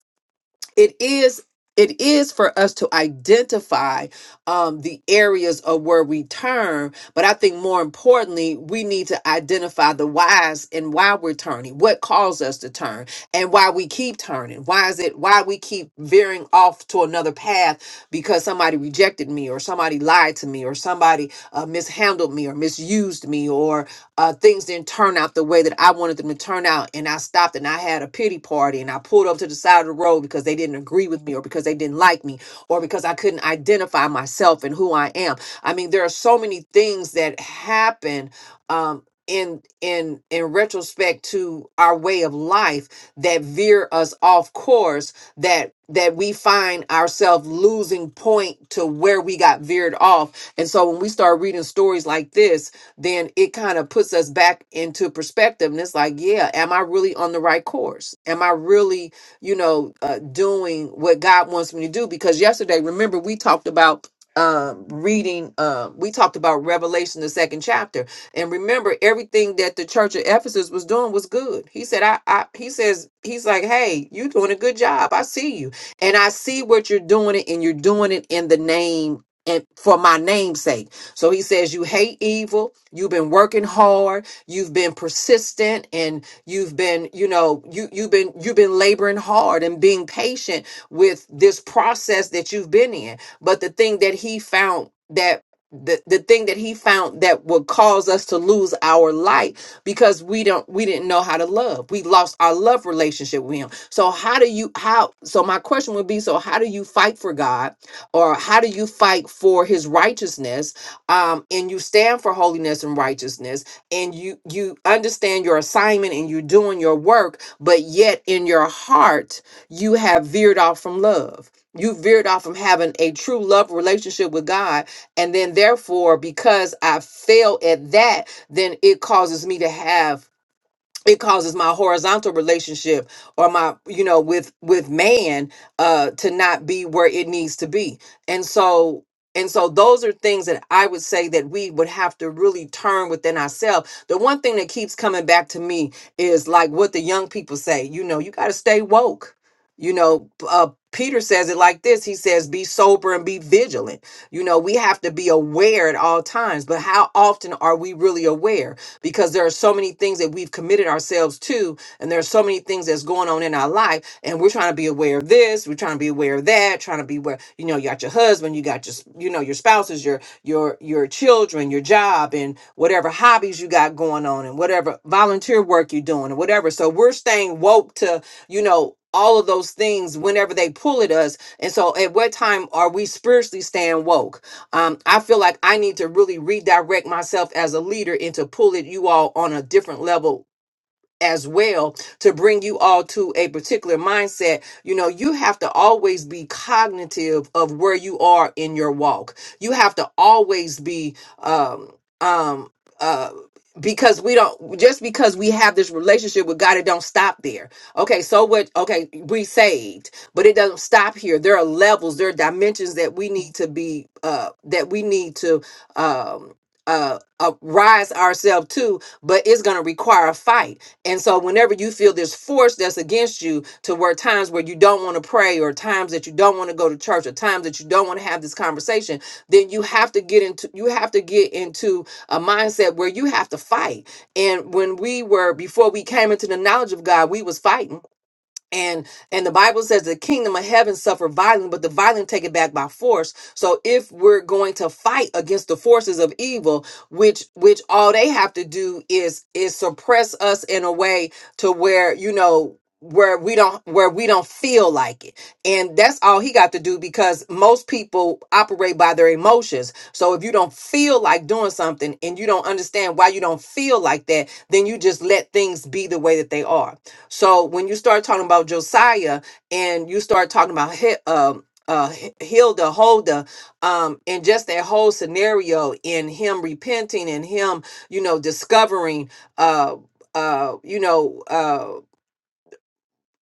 Speaker 4: it is it is for us to identify um, the areas of where we turn but i think more importantly we need to identify the whys and why we're turning what caused us to turn and why we keep turning why is it why we keep veering off to another path because somebody rejected me or somebody lied to me or somebody uh, mishandled me or misused me uh, things didn't turn out the way that I wanted them to turn out. And I stopped and I had a pity party and I pulled up to the side of the road because they didn't agree with me or because they didn't like me or because I couldn't identify myself and who I am. I mean, there are so many things that happen um, in in in retrospect to our way of life that veer us off course that that we find ourselves losing point to where we got veered off and so when we start reading stories like this then it kind of puts us back into perspective. And it's like, yeah, am I really on the right course? Am I really, you know, uh, doing what God wants me to do? Because yesterday, remember, we talked about um reading um we talked about revelation the second chapter and remember everything that the church of ephesus was doing was good he said i, I he says he's like hey you doing a good job i see you and i see what you're doing it and you're doing it in the name and for my name's sake so he says, You hate evil. You've been working hard. You've been persistent and you've been, you know, you, you've been, you've been laboring hard and being patient with this process that you've been in. But the thing that he found that the, the thing that he found that would cause us to lose our light because we don't we didn't know how to love we lost our love relationship with him so how do you how so my question would be so how do you fight for god or how do you fight for his righteousness um, and you stand for holiness and righteousness and you you understand your assignment and you're doing your work but yet in your heart you have veered off from love you veered off from having a true love relationship with god and then therefore because i fail at that then it causes me to have it causes my horizontal relationship or my you know with with man uh to not be where it needs to be and so and so those are things that i would say that we would have to really turn within ourselves the one thing that keeps coming back to me is like what the young people say you know you got to stay woke you know p- uh peter says it like this he says be sober and be vigilant you know we have to be aware at all times but how often are we really aware because there are so many things that we've committed ourselves to and there are so many things that's going on in our life and we're trying to be aware of this we're trying to be aware of that trying to be aware you know you got your husband you got your s- you know your spouses your your your children your job and whatever hobbies you got going on and whatever volunteer work you're doing and whatever so we're staying woke to you know all of those things whenever they pull at us and so at what time are we spiritually staying woke um, I feel like I need to really redirect myself as a leader and to pull it you all on a different level as well to bring you all to a particular mindset you know you have to always be cognitive of where you are in your walk you have to always be um um uh because we don't just because we have this relationship with God, it don't stop there. Okay, so what okay, we saved, but it doesn't stop here. There are levels, there are dimensions that we need to be uh that we need to um uh, uh rise ourselves to, but it's gonna require a fight and so, whenever you feel this force that's against you, to where times where you don't want to pray, or times that you don't want to go to church, or times that you don't want to have this conversation, then you have to get into you have to get into a mindset where you have to fight. And when we were before we came into the knowledge of God, we was fighting and and the bible says the kingdom of heaven suffer violence but the violent take it back by force so if we're going to fight against the forces of evil which which all they have to do is is suppress us in a way to where you know where we don't where we don't feel like it and that's all he got to do because most people operate by their emotions so if you don't feel like doing something and you don't understand why you don't feel like that then you just let things be the way that they are so when you start talking about Josiah and you start talking about Hi- um, uh, Hi- Hilda, Holda, um, and just that whole scenario in him repenting and him, you know, discovering, uh, uh, you know, uh,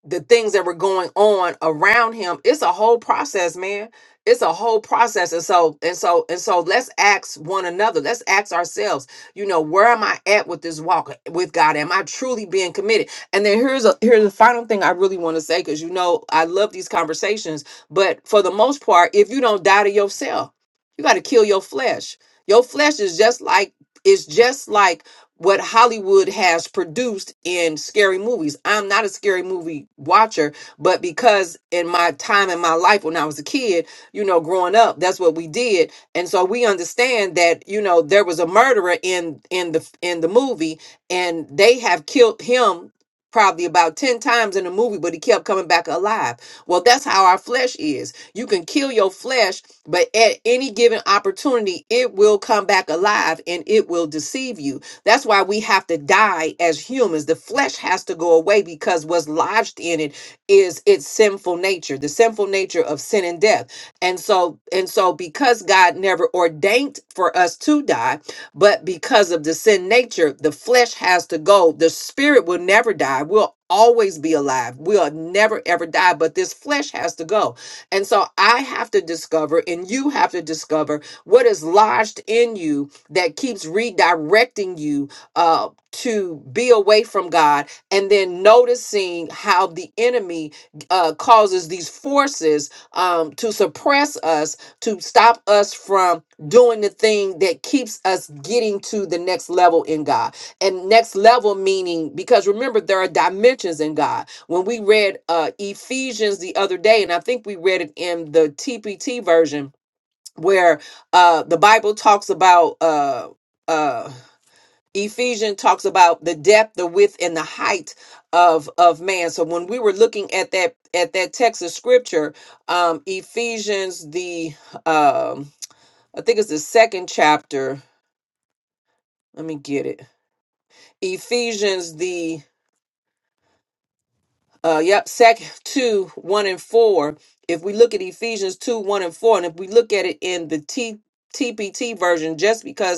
Speaker 4: the things that were going on around him it's a whole process man it's a whole process and so and so and so let's ask one another let's ask ourselves you know where am i at with this walk with god am i truly being committed and then here's a here's the final thing i really want to say because you know i love these conversations but for the most part if you don't die to yourself you got to kill your flesh your flesh is just like it's just like what Hollywood has produced in scary movies. I'm not a scary movie watcher, but because in my time in my life when I was a kid, you know, growing up, that's what we did. And so we understand that, you know, there was a murderer in in the in the movie and they have killed him probably about 10 times in the movie but he kept coming back alive. Well, that's how our flesh is. You can kill your flesh, but at any given opportunity it will come back alive and it will deceive you that's why we have to die as humans. The flesh has to go away because what's lodged in it is its sinful nature, the sinful nature of sin and death. And so, and so because God never ordained for us to die, but because of the sin nature, the flesh has to go. The spirit will never die. We'll always be alive. We'll never ever die, but this flesh has to go. And so I have to discover and you have to discover what is lodged in you that keeps redirecting you uh, to be away from God, and then noticing how the enemy uh, causes these forces um, to suppress us, to stop us from doing the thing that keeps us getting to the next level in God. And next level meaning, because remember, there are dimensions in God. When we read uh, Ephesians the other day, and I think we read it in the TPT version where uh the bible talks about uh uh ephesians talks about the depth the width and the height of of man so when we were looking at that at that text of scripture um ephesians the um i think it's the second chapter let me get it ephesians the uh yep sec 2 1 and 4 if we look at ephesians 2 1 and 4 and if we look at it in the t tpt version just because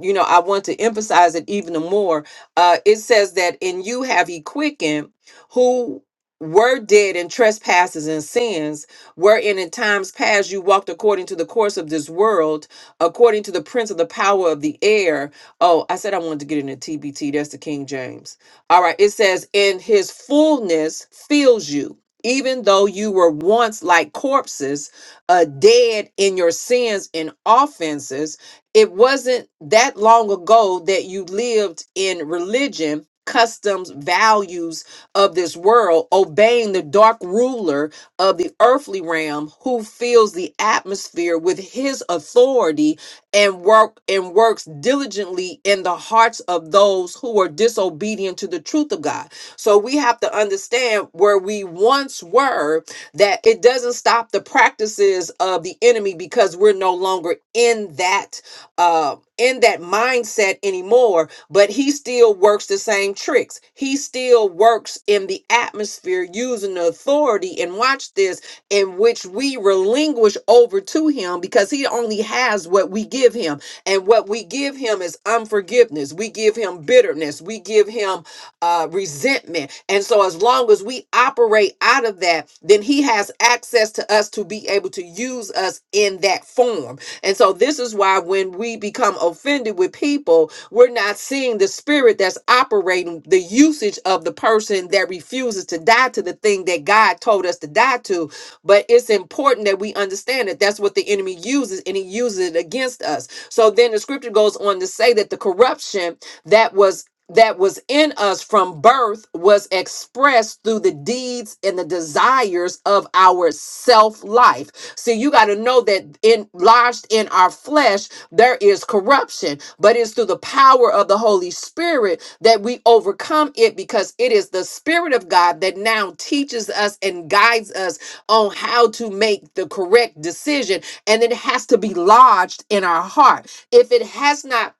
Speaker 4: you know, I want to emphasize it even more. Uh, it says that in you have he quickened who were dead in trespasses and sins, wherein in times past you walked according to the course of this world, according to the prince of the power of the air. Oh, I said I wanted to get into TBT. That's the King James. All right. It says, in his fullness fills you. Even though you were once like corpses, uh, dead in your sins and offenses, it wasn't that long ago that you lived in religion, customs, values of this world, obeying the dark ruler of the earthly realm who fills the atmosphere with his authority and work and works diligently in the hearts of those who are disobedient to the truth of God. So we have to understand where we once were that it doesn't stop the practices of the enemy because we're no longer in that uh, in that mindset anymore, but he still works the same tricks. He still works in the atmosphere using the authority, and watch this, in which we relinquish over to him because he only has what we give him. And what we give him is unforgiveness, we give him bitterness, we give him uh, resentment. And so, as long as we operate out of that, then he has access to us to be able to use us in that form. And so this is why when we become offended with people, we're not seeing the spirit that's operating the usage of the person that refuses to die to the thing that God told us to die to. But it's important that we understand that that's what the enemy uses and he uses it against us. So then the scripture goes on to say that the corruption that was that was in us from birth was expressed through the deeds and the desires of our self life. See, you got to know that it enlarged in our flesh, there is corruption. But it's through the power of the Holy Spirit that we overcome it because it is the Spirit of God that now teaches us and guides us on how to make the correct decision. And it has to be lodged in our heart. If it has not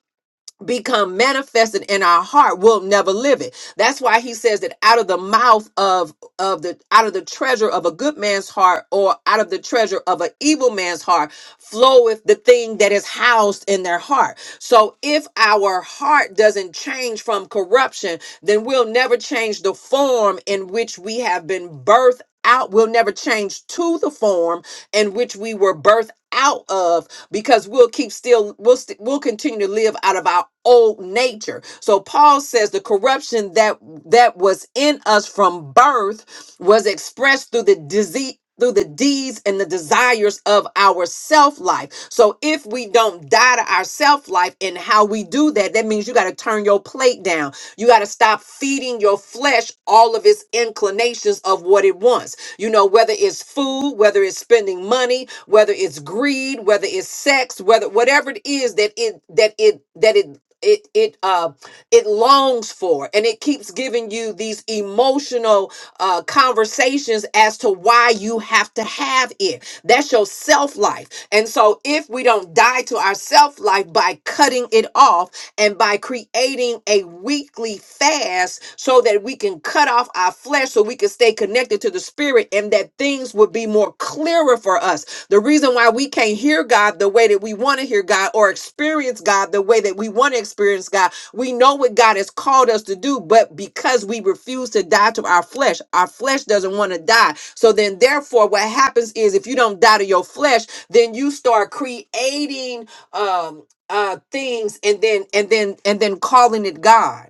Speaker 4: become manifested in our heart we'll never live it that's why he says that out of the mouth of of the out of the treasure of a good man's heart or out of the treasure of an evil man's heart floweth the thing that is housed in their heart so if our heart doesn't change from corruption then we'll never change the form in which we have been birthed out we will never change to the form in which we were birthed out of because we'll keep still we'll st- we'll continue to live out of our old nature. So Paul says the corruption that that was in us from birth was expressed through the disease through the deeds and the desires of our self life. So if if we don't die to our self life and how we do that, that means you got to turn your plate down. You got to stop feeding your flesh all of its inclinations of what it wants. You know, whether it's food, whether it's spending money, whether it's greed, whether it's sex, whether whatever it is that it that it that it it it uh it longs for and it keeps giving you these emotional uh conversations as to why you have to have it that's your self life. And so, if we don't die to our self life by cutting it off and by creating a weekly fast so that we can cut off our flesh so we can stay connected to the spirit and that things would be more clearer for us the reason why we can't hear God the way that we want to hear God or experience God the way that we want to experience God, we know what God has called us to do, but because we refuse to die to our flesh, our flesh doesn't want to die. So then, therefore, what happens is if you don't die to your flesh, then you start creating um, uh, things and then and then and then calling it God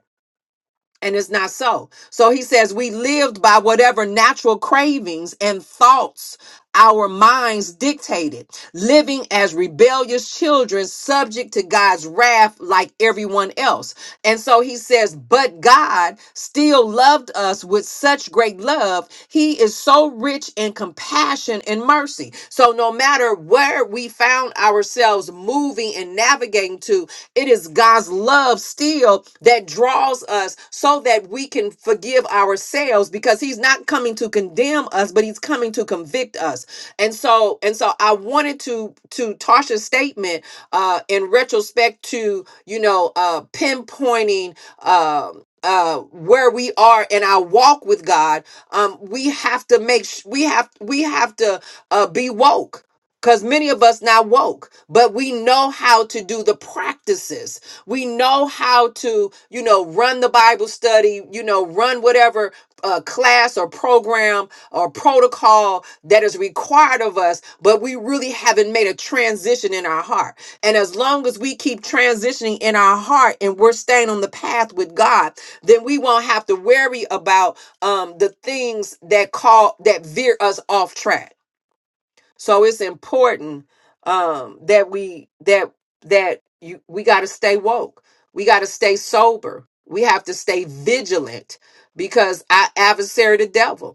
Speaker 4: and it's not so. So he says we lived by whatever natural cravings and thoughts our minds dictated, living as rebellious children subject to God's wrath like everyone else. And so he says, But God still loved us with such great love. He is so rich in compassion and mercy. So, no matter where we found ourselves moving and navigating to, it is God's love still that draws us so that we can forgive ourselves because He's not coming to condemn us, but He's coming to convict us. And so, and so I wanted to, to Tasha's statement uh, in retrospect to you know uh, pinpointing um uh, where we are in our walk with God, um, we have to make sh- we have we have to uh, be woke because many of us not woke, but we know how to do the practices. We know how to you know run the Bible study, you know run whatever uh, class or program or protocol that is required of us, but we really haven't made a transition in our heart and as long as we keep transitioning in our heart and we're staying on the path with God, then we won't have to worry about um, the things that call that veer us off track. So it's important um, that we that that you we got to stay woke. We got to stay sober. We have to stay vigilant because our adversary, the devil.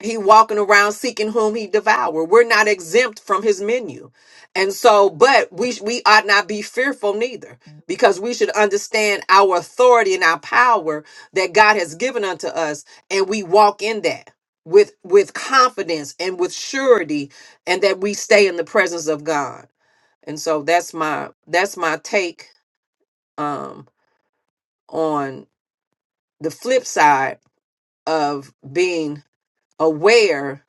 Speaker 4: He walking around seeking whom he devour. We're not exempt from his menu. And so, but we sh- we ought not be fearful neither, because we should understand our authority and our power that God has given unto us, and we walk in that with with confidence and with surety, and that we stay in the presence of God. And so that's my that's my take um on the flip side of being aware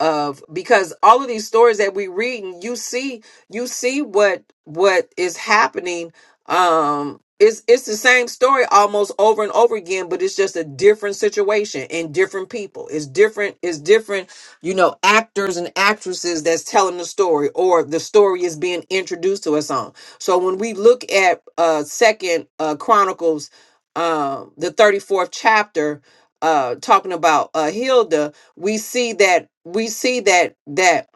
Speaker 4: of because all of these stories that we reading you see you see what what is happening um it's it's the same story almost over and over again but it's just a different situation and different people it's different it's different you know actors and actresses that's telling the story or the story is being introduced to us on so when we look at uh second uh chronicles um the 34th chapter uh talking about uh hilda we see that we see that that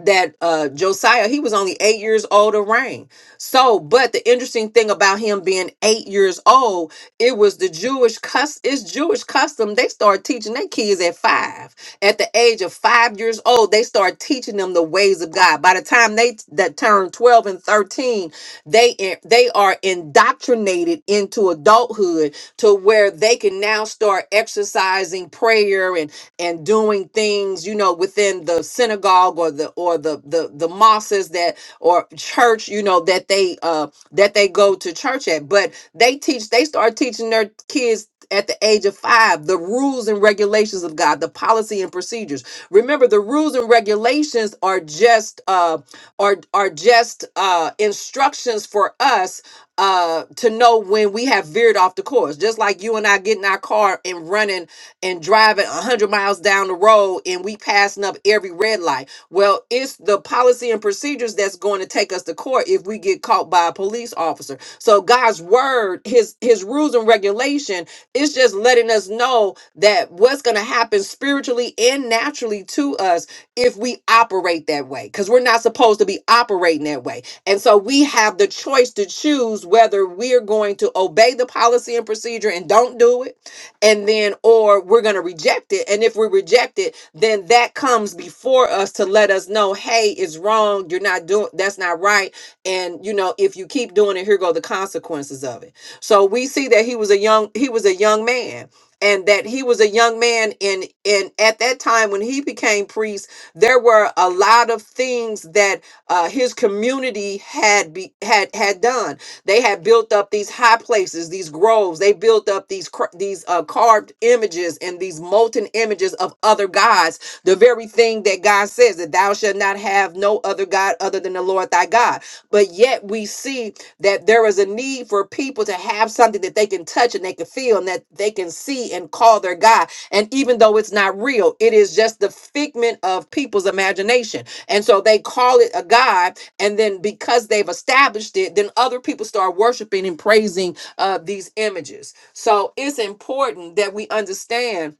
Speaker 4: that uh Josiah he was only 8 years old to reign. So, but the interesting thing about him being 8 years old, it was the Jewish cus it's Jewish custom they start teaching their kids at 5. At the age of 5 years old, they start teaching them the ways of God. By the time they t- that turn 12 and 13, they in- they are indoctrinated into adulthood to where they can now start exercising prayer and doing things you know within the synagogue or the or the the, the mosques that or church you know that they uh that they go to church at but they teach they start teaching their kids at the age of five, the rules and regulations of God, the policy and procedures. Remember, the rules and regulations are just uh, are are just uh, instructions for us uh, to know when we have veered off the course. Just like you and I get in our car and running and driving 100 miles down the road and we passing up every red light. Well, it's the policy and procedures that's going to take us to court if we get caught by a police officer. So God's word, his his rules and regulation, it's just letting us know that what's going to happen spiritually and naturally to us if we operate that way cuz we're not supposed to be operating that way. And so we have the choice to choose whether we're going to obey the policy and procedure and don't do it and then or we're going to reject it and if we reject it then that comes before us to let us know hey it's wrong you're not doing that's not right and you know if you keep doing it here go the consequences of it so we see that he was a young he was a young man and that he was a young man and and at that time when he became priest there were a lot of things that uh, his community had be, had had done they had built up these high places these groves they built up these cr- these uh, carved images and these molten images of other gods the very thing that god says that thou shalt not have no other god other than the lord thy God. But yet we see that there is a need for people to have something that they can touch and they can feel and that they can see and call their God. And even though it's not real, it is just the figment of people's imagination. And so they call it a God. And then because they've established it, then other people start worshiping and praising uh, these images. So it's important that we understand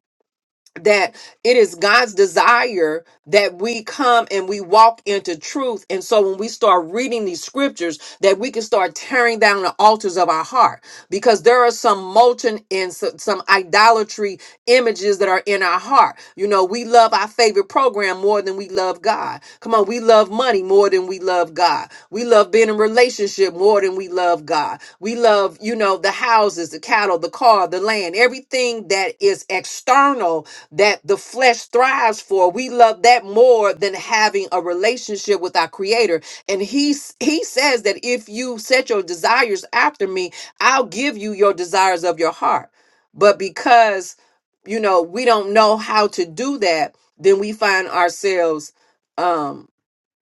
Speaker 4: that it is God's desire that we come and we walk into truth. And so when we start reading these scriptures, that we can start tearing down the altars of our heart because there are some molten and so- some idolatry images that are in our heart. You know, we love our favorite program more than we love God. Come on, we love money more than we love God. We love being in relationship more than we love God. We love, you know, the houses, the cattle, the car, the land, everything that is external that the flesh thrives for. We love that more than having a relationship with our creator. And he s- he says that if you set your desires after me, I'll give you your desires of your heart. But because you know, we don't know how to do that, then we find ourselves um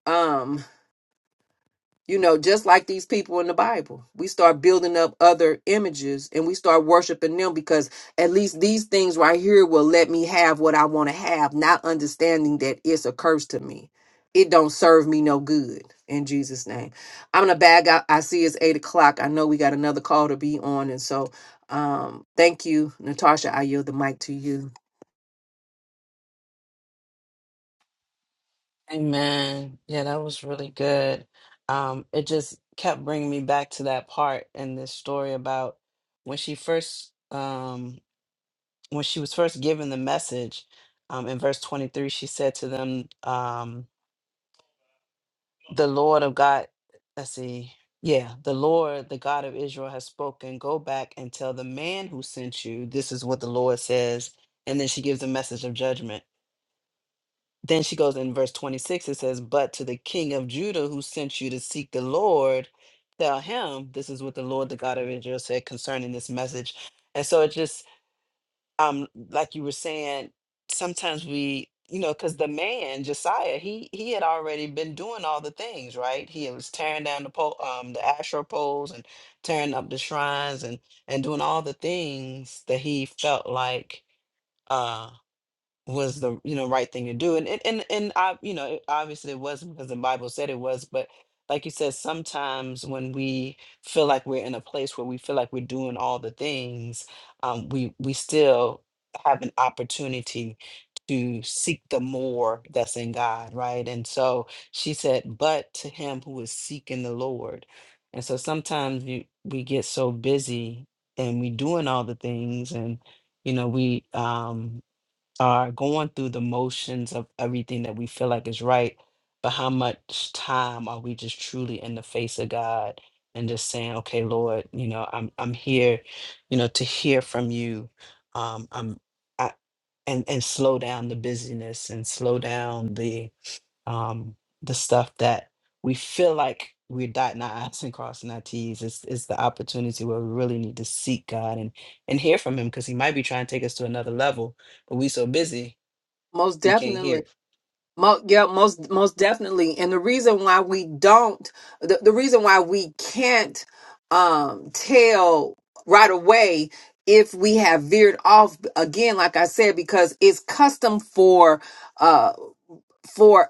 Speaker 4: um you know, just like these people in the Bible, we start building up other images and we start worshiping them because at least these things right here will let me have what I want to have, not understanding that it's a curse to me. It don't serve me no good in Jesus' name. I'm gonna bag out. I see it's eight o'clock. I know we got another call to be on, and so um, thank you, Natasha. I yield the mic to you.
Speaker 2: Amen. Yeah, that was really good. Um, it just kept bringing me back to that part in this story about when she first, um, when she was first given the message. Um, in verse twenty-three, she said to them, um, "The Lord of God, let's see, yeah, the Lord, the God of Israel, has spoken. Go back and tell the man who sent you, this is what the Lord says." And then she gives a message of judgment. Then she goes in verse 26, it says, But to the king of Judah who sent you to seek the Lord, tell him, this is what the Lord, the God of Israel, said concerning this message. And so it just, um, like you were saying, sometimes we, you know, because the man, Josiah, he he had already been doing all the things, right? He was tearing down the pole, um, the Asherah poles and tearing up the shrines and and doing all the things that he felt like uh, was the you know right thing to do and and and, and i you know obviously it was because the bible said it was but like you said sometimes when we feel like we're in a place where we feel like we're doing all the things um, we we still have an opportunity to seek the more that's in god right and so she said but to him who is seeking the lord and so sometimes you, we get so busy and we doing all the things and you know we um are going through the motions of everything that we feel like is right, but how much time are we just truly in the face of God and just saying, "Okay, Lord, you know, I'm I'm here, you know, to hear from you." Um, I'm I, and and slow down the busyness and slow down the um the stuff that we feel like we're dotting our I's and crossing our T's. It's, it's the opportunity where we really need to seek God and and hear from Him because He might be trying to take us to another level, but we so busy.
Speaker 4: Most
Speaker 2: We can't
Speaker 4: definitely.
Speaker 2: hear it.
Speaker 4: Mo- yeah, most most definitely. And the reason why we don't, the, the reason why we can't um, tell right away if we have veered off again, like I said, because it's custom for uh, for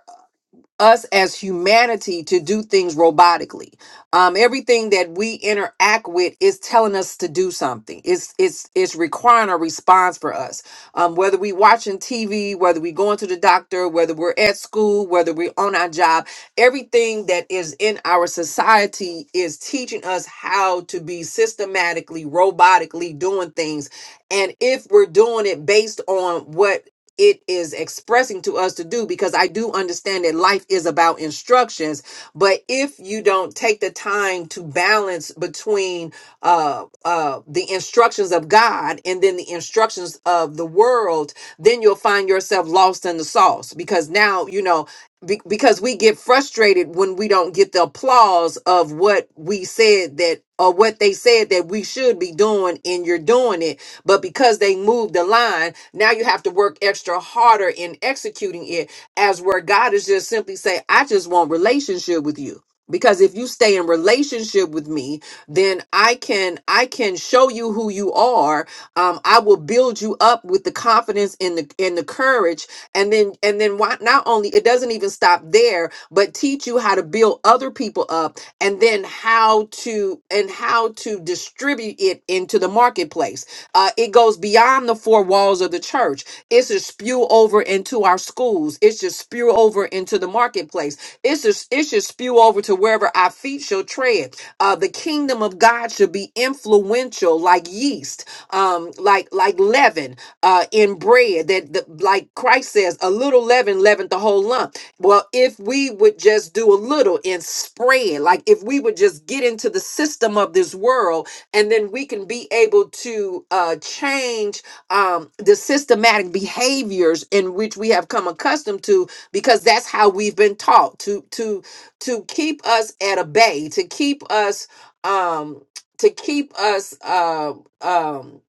Speaker 4: us as humanity to do things robotically. Um, everything that we interact with is telling us to do something. It's it's it's requiring a response for us. Um, whether we watching TV, whether we going to the doctor, whether we're at school, whether we're on our job, everything that is in our society is teaching us how to be systematically, robotically doing things. And if we're doing it based on what it is expressing to us to do because I do understand that life is about instructions. But if you don't take the time to balance between uh, uh, the instructions of God and then the instructions of the world, then you'll find yourself lost in the sauce because now, you know. Be- because we get frustrated when we don't get the applause of what we said that or what they said that we should be doing and you're doing it but because they moved the line, now you have to work extra harder in executing it, as where God is just simply say, I just want relationship with you. Because if you stay in relationship with me, then I can I can show you who you are. Um, I will build you up with the confidence and the and the courage and then and then why not only it doesn't even stop there but teach you how to build other people up and then how to and how to distribute it into the marketplace uh, it goes beyond the four walls of the church. It should spew over into our schools. It should spew over into the marketplace. It should, it should spew over to wherever our feet shall tread. Uh, the kingdom of God should be influential like yeast, um, like like leaven uh, in bread. That the, like Christ says, a little leaven leavened the whole lump. Well, if we would just do a little and spread, like if we would just get into the system of this world and then we can be able to uh, change um, the systematic behaviors in which we have come accustomed to because that's how we've been taught to to to keep us at a bay to keep us um to keep us uh, um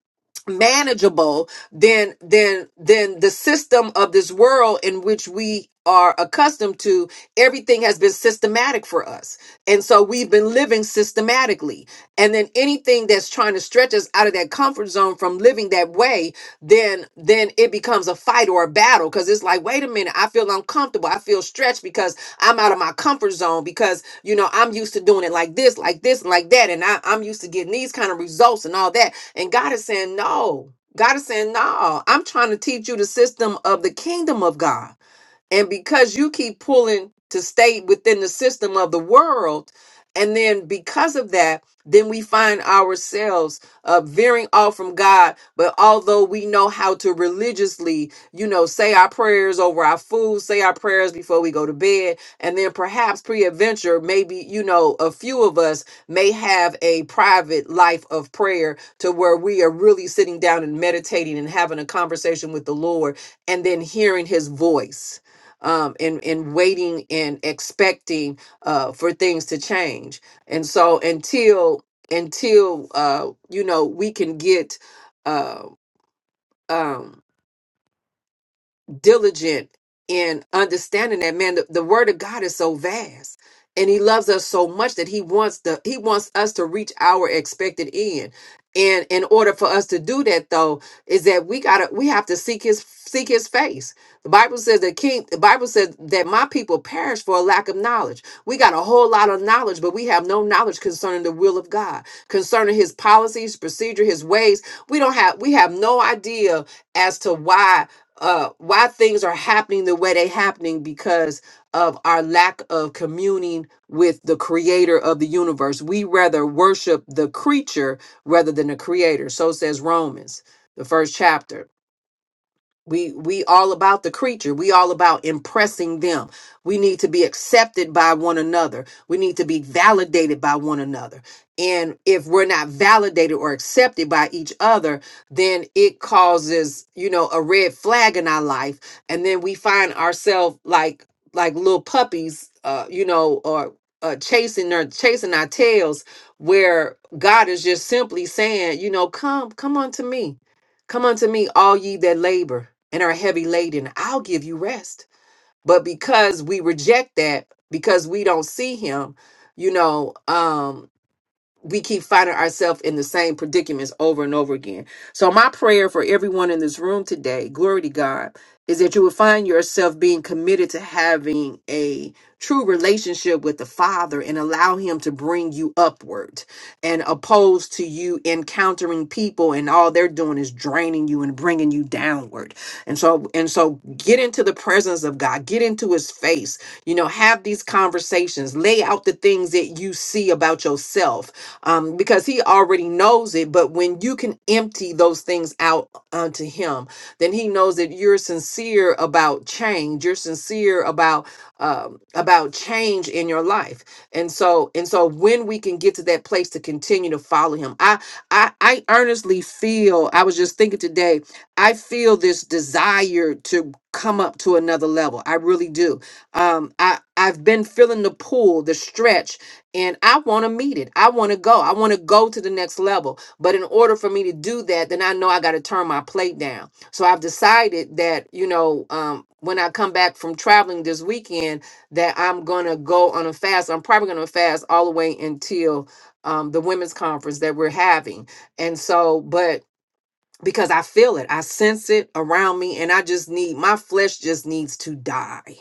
Speaker 4: manageable than than than the system of this world in which we are accustomed to everything has been systematic for us and so we've been living systematically and then anything that's trying to stretch us out of that comfort zone from living that way then then it becomes a fight or a battle because it's like wait a minute i feel uncomfortable i feel stretched because i'm out of my comfort zone because you know i'm used to doing it like this like this and like that and I, i'm used to getting these kind of results and all that and god is saying no God is saying, No, I'm trying to teach you the system of the kingdom of God. And because you keep pulling to stay within the system of the world, and then because of that, then we find ourselves uh, veering off from God. But although we know how to religiously, you know, say our prayers over our food, say our prayers before we go to bed, and then perhaps pre-adventure, maybe, you know, a few of us may have a private life of prayer to where we are really sitting down and meditating and having a conversation with the Lord and then hearing his voice um, and and waiting and expecting uh, for things to change. And so until until uh, you know we can get uh, um, diligent in understanding that man the, the word of god is so vast and he loves us so much that he wants the he wants us to reach our expected end and in order for us to do that though is that we gotta we have to seek his seek his face the bible says that king the bible says that my people perish for a lack of knowledge we got a whole lot of knowledge but we have no knowledge concerning the will of god concerning his policies procedure his ways we don't have we have no idea as to why uh, why things are happening the way they're happening because of our lack of communing with the creator of the universe. We rather worship the creature rather than the creator. So says Romans, the first chapter we we all about the creature we all about impressing them we need to be accepted by one another we need to be validated by one another and if we're not validated or accepted by each other then it causes you know a red flag in our life and then we find ourselves like like little puppies uh you know or uh, chasing or chasing our tails where god is just simply saying you know come come unto me Come unto me, all ye that labor and are heavy laden, I'll give you rest. But because we reject that, because we don't see him, you know, um, we keep finding ourselves in the same predicaments over and over again. So, my prayer for everyone in this room today, glory to God, is that you would find yourself being committed to having a true relationship with the Father and allow Him to bring you upward, and opposed to you encountering people and all they're doing is draining you and bringing you downward. And so, and so, get into the presence of God, get into His face, you know, have these conversations, lay out the things that you see about yourself um, because he already knows it. But when you can empty those things out unto him, then he knows that you're sincere about change. You're sincere about um, about change in your life. And so and so when we can get to that place to continue to follow him, I I, I earnestly feel. I was just thinking today. I feel this desire to come up to another level. I really do. Um, I I've been feeling the pull, the stretch and I want to meet it. I want to go. I want to go to the next level. But in order for me to do that, then I know I got to turn my plate down. So I've decided that, you know, um, when I come back from traveling this weekend, that I'm going to go on a fast. I'm probably going to fast all the way until um, the women's conference that we're having. And so, but because I feel it. I sense it around me and I just need my flesh just needs to die.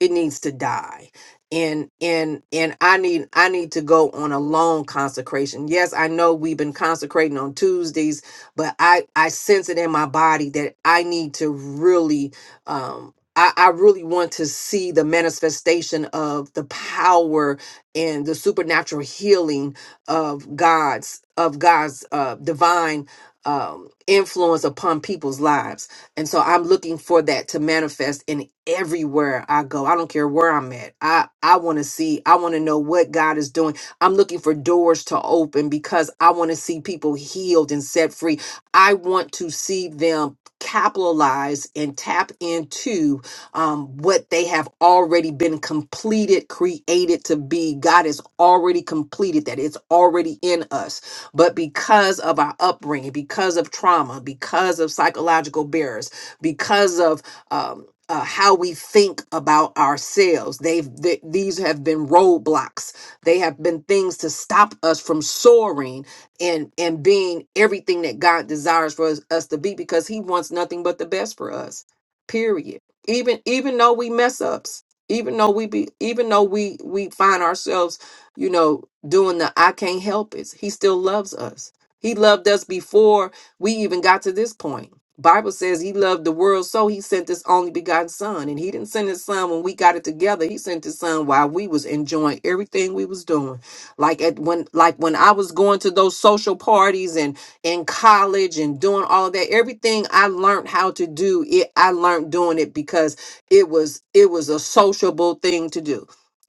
Speaker 4: It needs to die. And and and I need I need to go on a long consecration. Yes, I know we've been consecrating on Tuesdays, but I I sense it in my body that I need to really um I, I really want to see the manifestation of the power and the supernatural healing of God's of God's uh divine um, influence upon people's lives. And so I'm looking for that to manifest in everywhere I go. I don't care where I'm at. I, I want to see, I want to know what God is doing. I'm looking for doors to open because I want to see people healed and set free. I want to see them capitalize and tap into um, what they have already been completed, created to be. God has already completed that. It's already in us. But because of our upbringing, because of trauma, because of psychological barriers, because of um, uh, how we think about ourselves, they've th- these have been roadblocks. They have been things to stop us from soaring and and being everything that God desires for us, us to be, because He wants nothing but the best for us. Period. Even even though we mess ups, even though we be even though we we find ourselves you know, doing the I can't help it. He still loves us. He loved us before we even got to this point. Bible says he loved the world, so he sent his only begotten son. And he didn't send his son when we got it together. He sent his son while we was enjoying everything we was doing. Like at when like when I was going to those social parties and in college and doing all of that, everything I learned how to do, it I learned doing it because it was it was a sociable thing to do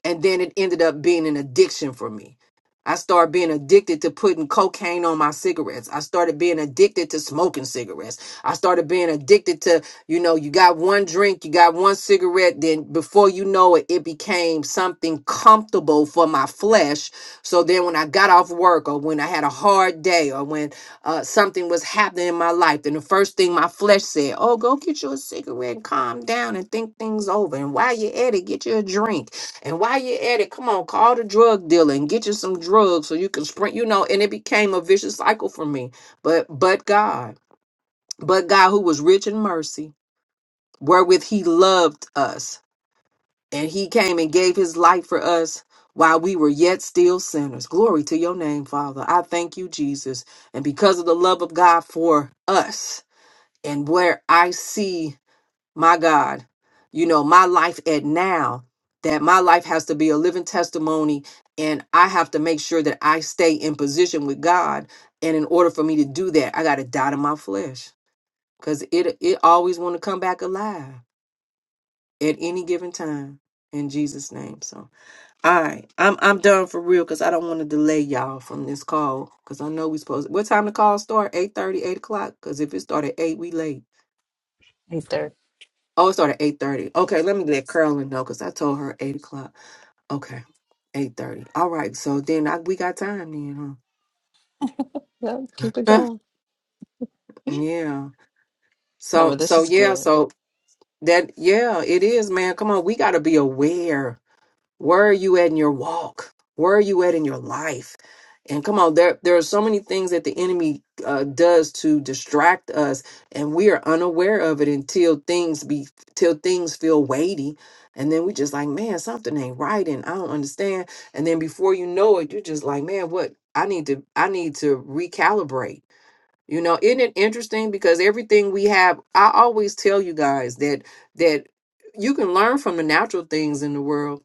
Speaker 4: and then it ended up being an addiction for me. I started being addicted to putting cocaine on my cigarettes. I started being addicted to smoking cigarettes. I started being addicted to, you know, you got one drink, you got one cigarette, then before you know it, it became something comfortable for my flesh. So then when I got off work or when I had a hard day or when uh, something was happening in my life, then the first thing my flesh said, oh, go get you a cigarette and calm down and think things over. And while you're at it, get you a drink and while you're at it, come on, call the drug dealer and get you some drugs so you can sprint, you know, and it became a vicious cycle for me. But but God, but God who was rich in mercy, wherewith he loved us, and he came and gave his life for us while we were yet still sinners. Glory to your name, Father. I thank you, Jesus. And because of the love of God for us, and where I see my God, you know, my life at now, that my life has to be a living testimony. And I have to make sure that I stay in position with God. And in order for me to do that, I got to die to my flesh because it, it always want to come back alive at any given time in Jesus name. So, all right, I'm, I'm done for real. Cause I don't want to delay y'all from this call. Cause I know we supposed, what time the call start? 8 30, 8 o'clock. Cause if it start at eight, we late.
Speaker 2: There.
Speaker 4: Oh, it started eight thirty. Okay, let me let Carolyn know because I told her eight o'clock. Okay, eight thirty. All right, so then I, we got time then,
Speaker 2: No, keep it
Speaker 4: huh?
Speaker 2: going.
Speaker 4: <laughs> yeah.
Speaker 2: No,
Speaker 4: So
Speaker 2: but this
Speaker 4: so
Speaker 2: is
Speaker 4: yeah,
Speaker 2: good.
Speaker 4: so that yeah, it is, man. Come on, we got to be aware. Where are you at in your walk? Where are you at in your life? And come on, there there are so many things that the enemy uh, does to distract us, and we are unaware of it until things be till things feel weighty, and then we just like, man, something ain't right, and I don't understand. And then before you know it, you're just like, man, what? I need to I need to recalibrate. You know, isn't it interesting? Because everything we have, I always tell you guys that that you can learn from the natural things in the world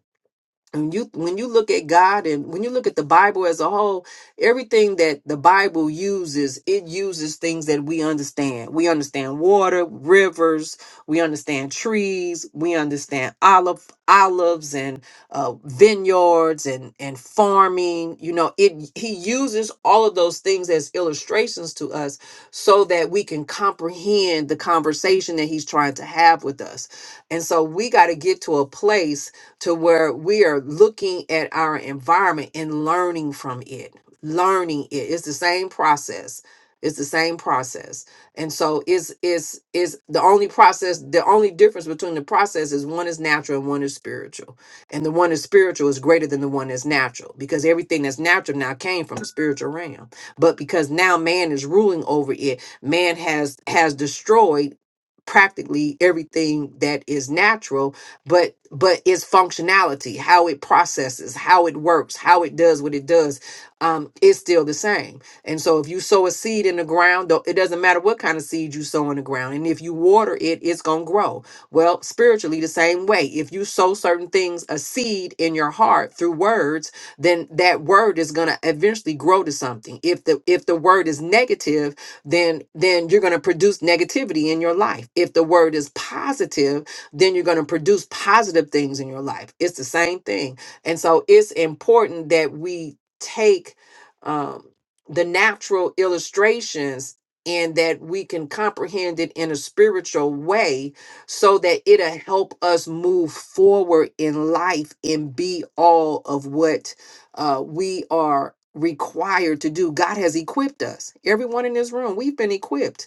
Speaker 4: when you when you look at God and when you look at the Bible as a whole, everything that the Bible uses, it uses things that we understand. We understand water, rivers, we understand trees, we understand olive olives and uh, vineyards and and farming. You know, it he uses all of those things as illustrations to us so that we can comprehend the conversation that he's trying to have with us. And so we got to get to a place to where we are looking at our environment and learning from it. Learning it. It's the same process. It's the same process. And so it's it's is the only process, the only difference between the process is one is natural and one is spiritual. And the one is spiritual is greater than the one that's natural because everything that's natural now came from the spiritual realm. But because now man is ruling over it, man has has destroyed practically everything that is natural but but its functionality how it processes how it works how it does what it does um is still the same and so if you sow a seed in the ground though it doesn't matter what kind of seed you sow in the ground and if you water it it's gonna grow well spiritually the same way if you sow certain things a seed in your heart through words then that word is gonna eventually grow to something if the if the word is negative then then you're gonna produce negativity in your life if the word is positive then you're going to produce positive things in your life. It's the same thing. And so it's important that we take um, the natural illustrations and that we can comprehend it in a spiritual way so that it'll help us move forward in life and be all of what uh, we are required to do. God has equipped us. Everyone in this room, we've been equipped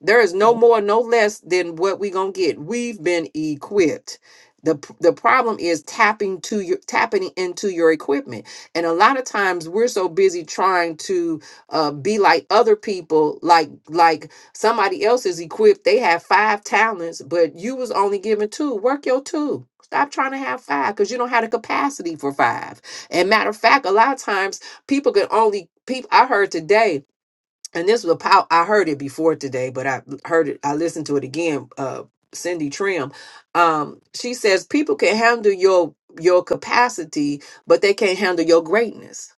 Speaker 4: there is no more, no less than what we're gonna get. We've been equipped. The, p- the problem is tapping to your tapping into your equipment and a lot of times we're so busy trying to uh, be like other people like like somebody else is equipped they have five talents but you was only given two work your two stop trying to have five because you don't have the capacity for five and matter of fact a lot of times people can only people i heard today and this was a pow- I heard it before today, but I heard it. I listened to it again. Uh, Cindy Trim, um, she says people can handle your your capacity, but they can't handle your greatness.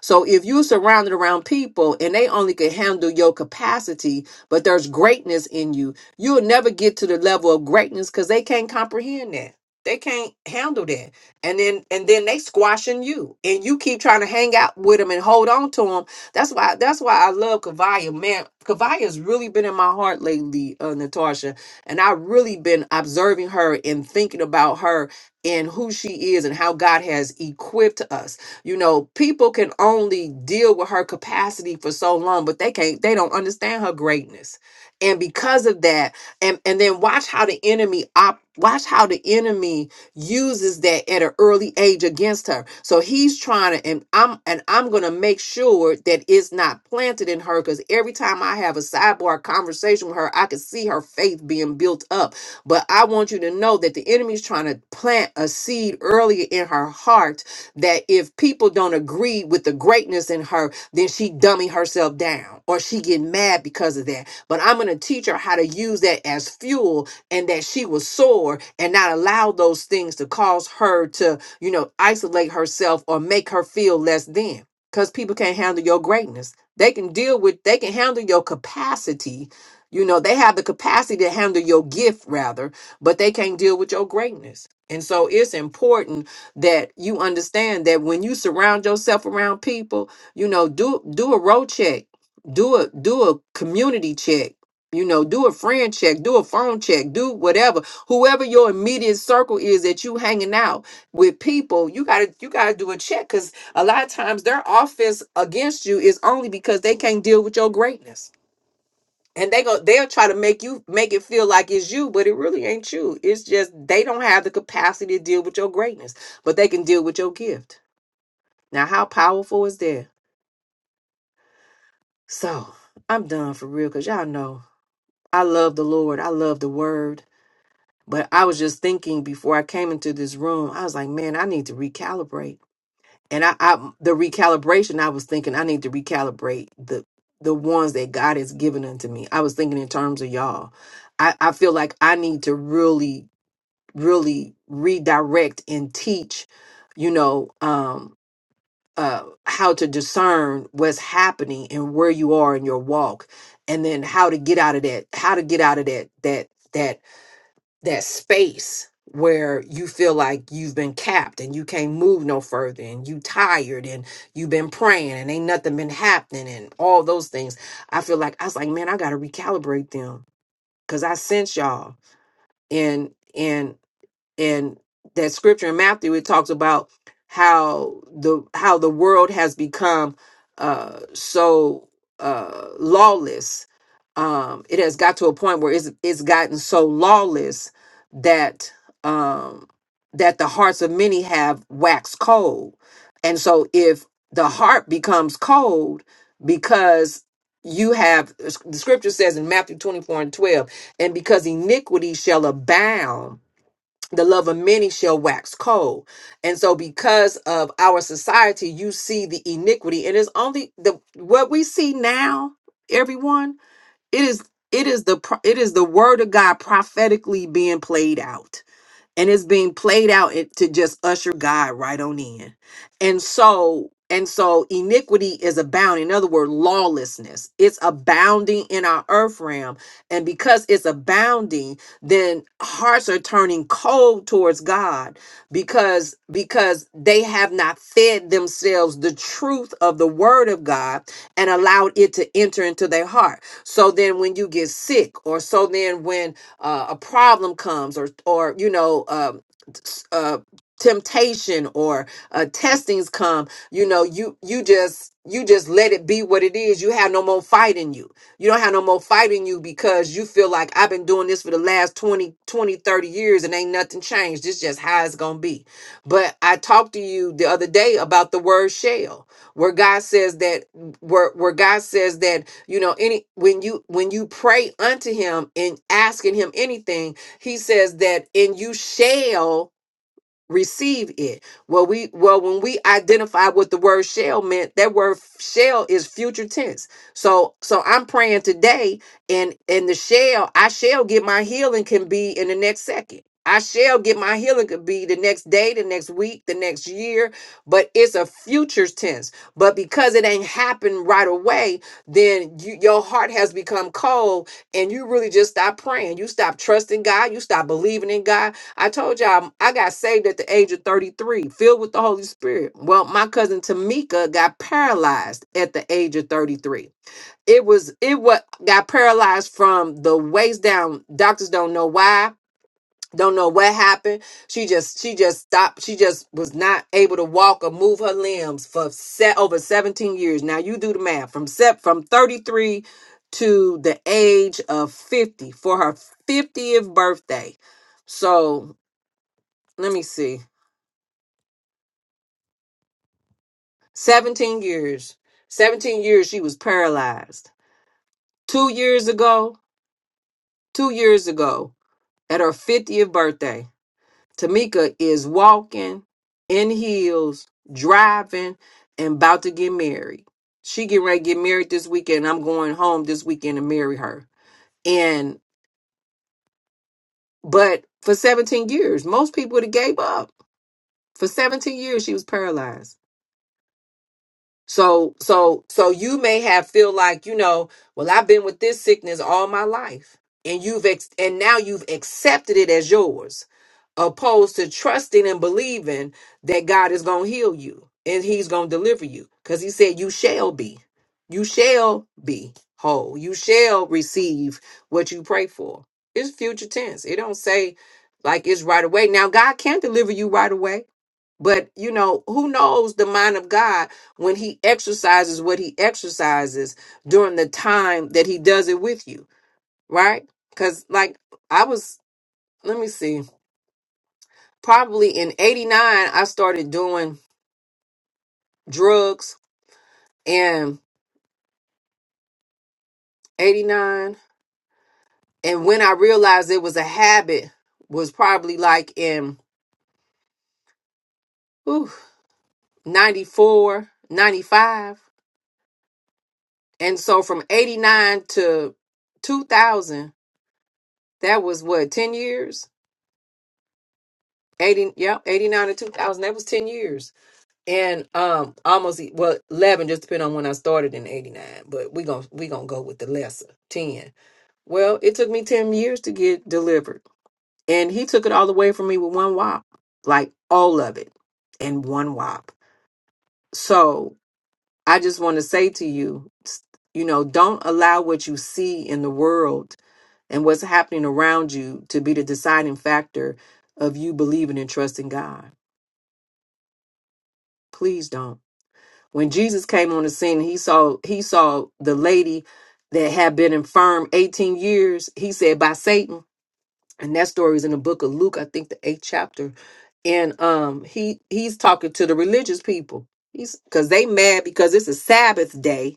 Speaker 4: So if you're surrounded around people and they only can handle your capacity, but there's greatness in you, you'll never get to the level of greatness because they can't comprehend that. They can't handle that. And then and then they squashing you. And you keep trying to hang out with them and hold on to them. That's why that's why I love Kavaya. Man, Kavaya's really been in my heart lately, uh, Natasha. And I've really been observing her and thinking about her and who she is and how God has equipped us you know, people can only deal with her capacity for so long, but they can't, they don't understand her greatness. And because of that, and, and then watch how the enemy op watch how the enemy uses that at an early age against her. So he's trying to, and I'm and I'm gonna make sure that it's not planted in her because every time I have a sidebar conversation with her, I can see her faith being built up. But I want you to know that the enemy's trying to plant a seed earlier in her heart that if people don't agree with the greatness in her, then she dummy herself down or she get mad because of that. But I'm going to teach her how to use that as fuel and that she will soar, and not allow those things to cause her to, you know, isolate herself or make her feel less than because people can't handle your greatness. They can deal with, they can handle your capacity. You know, they have the capacity to handle your gift rather, but they can't deal with your greatness. And so it's important that you understand that when you surround yourself around people, you know, do do a road check, do a do a community check, you know, do a friend check, do a phone check, do whatever. Whoever your immediate circle is that you hanging out with people, you gotta you gotta do a check because a lot of times their offense against you is only because they can't deal with your greatness and they go they'll try to make you make it feel like it's you but it really ain't you it's just they don't have the capacity to deal with your greatness but they can deal with your gift now how powerful is that so i'm done for real because y'all know i love the lord i love the word but i was just thinking before i came into this room i was like man i need to recalibrate and i, I the recalibration i was thinking i need to recalibrate the the ones that god has given unto me i was thinking in terms of y'all I, I feel like I need to really really redirect and teach you know um uh how to discern what's happening and where you are in your walk and then how to get out of that how to get out of that that that that space where you feel like you've been capped and you can't move no further and you tired and you've been praying and ain't nothing been happening and all those things i feel like i was like man i gotta recalibrate them because i sense y'all and and and that scripture in Matthew it talks about how the how the world has become uh so uh lawless um it has got to a point where it's it's gotten so lawless that um that the hearts of many have waxed cold and so if the heart becomes cold because you have the scripture says in Matthew 24 and 12 and because iniquity shall abound the love of many shall wax cold. And so because of our society, you see the iniquity and it's only the what we see now, everyone, it is it is the pro- it is the word of God prophetically being played out and it's being played out it- to just usher God right on in. And so and so iniquity is abounding. In other words, lawlessness. It's abounding in our earth realm. And because it's abounding, then hearts are turning cold towards God because because they have not fed themselves the truth of the word of God and allowed it to enter into their heart. So then when you get sick, or so then when uh, a problem comes or or you know um, s- uh, temptation or uh, testings come you know you you just you just let it be what it is you have no more fight in you you don't have no more fight in you because you feel like i've been doing this for the last 20 20 30 years and ain't nothing changed this just how it's gonna be but i talked to you the other day about the word shell where god says that where, where god says that you know any when you when you pray unto him and asking him anything he says that and you shall receive it. Well, we well when we identify what the word shall meant, that word shall is future tense. So so I'm praying today, and and the shall I shall get my healing can be in the next second. I shall get my healing could be the next day, the next week, the next year, but it's a future tense. But because it ain't happened right away, then you, your heart has become cold and you really just stop praying. You stop trusting God. You stop believing in God I told y'all um, I got saved at the age of 33, filled with the Holy Spirit. Well, my cousin Tamika got paralyzed at the age of 33. It was it what got paralyzed from the waist down. Doctors don't know why, don't know what happened. She just she just stopped. She just was not able to walk or move her limbs for set over 17 years. Now you do the math from set from 33 to the age of 50 for her 50th birthday. So let me see 17 years 17 years she was paralyzed two years ago two years ago at her 50th birthday tamika is walking in heels driving and about to get married she getting ready to get married this weekend i'm going home this weekend to marry her and but for 17 years most people would have gave up for 17 years she was paralyzed So so so you may have feel like, you know, well I've been with this sickness all my life and you've ex- and now you've accepted it as yours opposed to trusting and believing that God is going to heal you and he's going to deliver you cuz he said you shall be you shall be whole you shall receive what you pray for it's future tense it don't say like it's right away now God can deliver you right away but you know who knows the mind of God when he exercises what he exercises during the time that he does it with you right cuz like I was let me see probably in 89 i started doing drugs and 89 and when i realized it was a habit was probably like in whew, 94 95 and so from 89 to 2000 that was what 10 years 80 yeah 89 to 2000 that was 10 years and um almost e, well 11 just depending on when i started in 89 but we gonna we gonna go with the lesser 10 Well, it took me 10 years to get delivered. And he took it all away from me with one wop, like all of it in one wop. So I just want to say to you, s- you know, don't allow what you see in the world and what's happening around you to be the deciding factor of you believing and trusting God. Please don't. When Jesus came on the scene, he saw he saw the lady that had been infirm 18 years, he said by Satan and that story is in the book of Luke, I think the eighth chapter. And um, he he's talking to the religious people. He's because they mad because it's a Sabbath day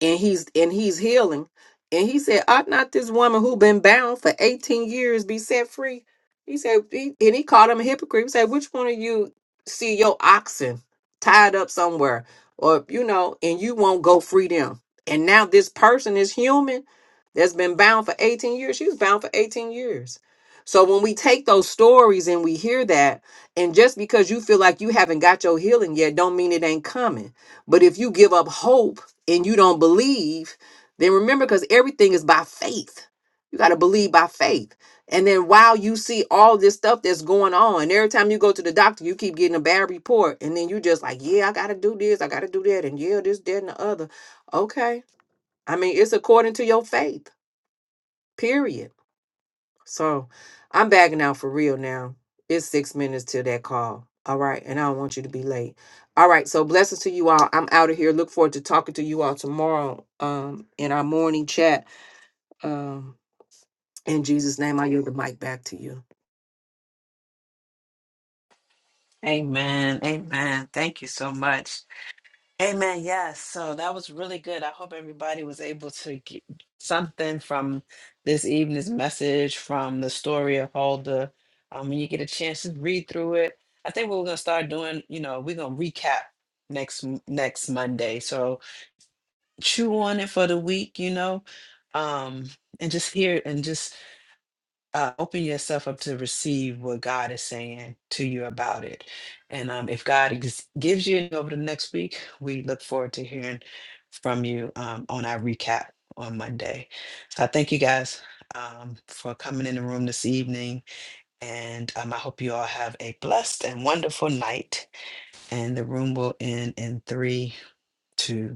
Speaker 4: and he's and he's healing and he said ought not this woman who been bound for 18 years be set free he said he, and he called him a hypocrite he said which one of you see your oxen tied up somewhere or you know and you won't go free them and now this person is human that's been bound for 18 years she was bound for 18 years so when we take those stories and we hear that and just because you feel like you haven't got your healing yet don't mean it ain't coming but if you give up hope and you don't believe, then remember because everything is by faith. You got to believe by faith. And then while you see all this stuff that's going on, every time you go to the doctor, you keep getting a bad report. And then you just like, yeah, I got to do this, I got to do that, and yeah, this, that, and the other. Okay. I mean, it's according to your faith, period. So I'm bagging out for real now. It's six minutes till that call. All right. And I don't want you to be late. All right. So blessings to you all. I'm out of here. Look forward to talking to you all tomorrow um, in our morning chat. Um, in Jesus' name, I yield the mic back to you.
Speaker 2: Amen. Amen. Thank you so much. Amen. Yes. So that was really good. I hope everybody was able to get something from this evening's message, from the story of Huldah. Um, when you get a chance to read through it, I think what we're gonna start doing, you know, we're gonna recap next m- next Monday. So chew on it for the week, you know, um, and just hear and just uh, open yourself up to receive what God is saying to you about it. And um, if God ex- gives you any over the next week, we look forward to hearing from you um, on our recap on Monday. So I thank you guys um, for coming in the room this evening. And um, I hope you all have a blessed and wonderful night. And the room will end in three, two. one.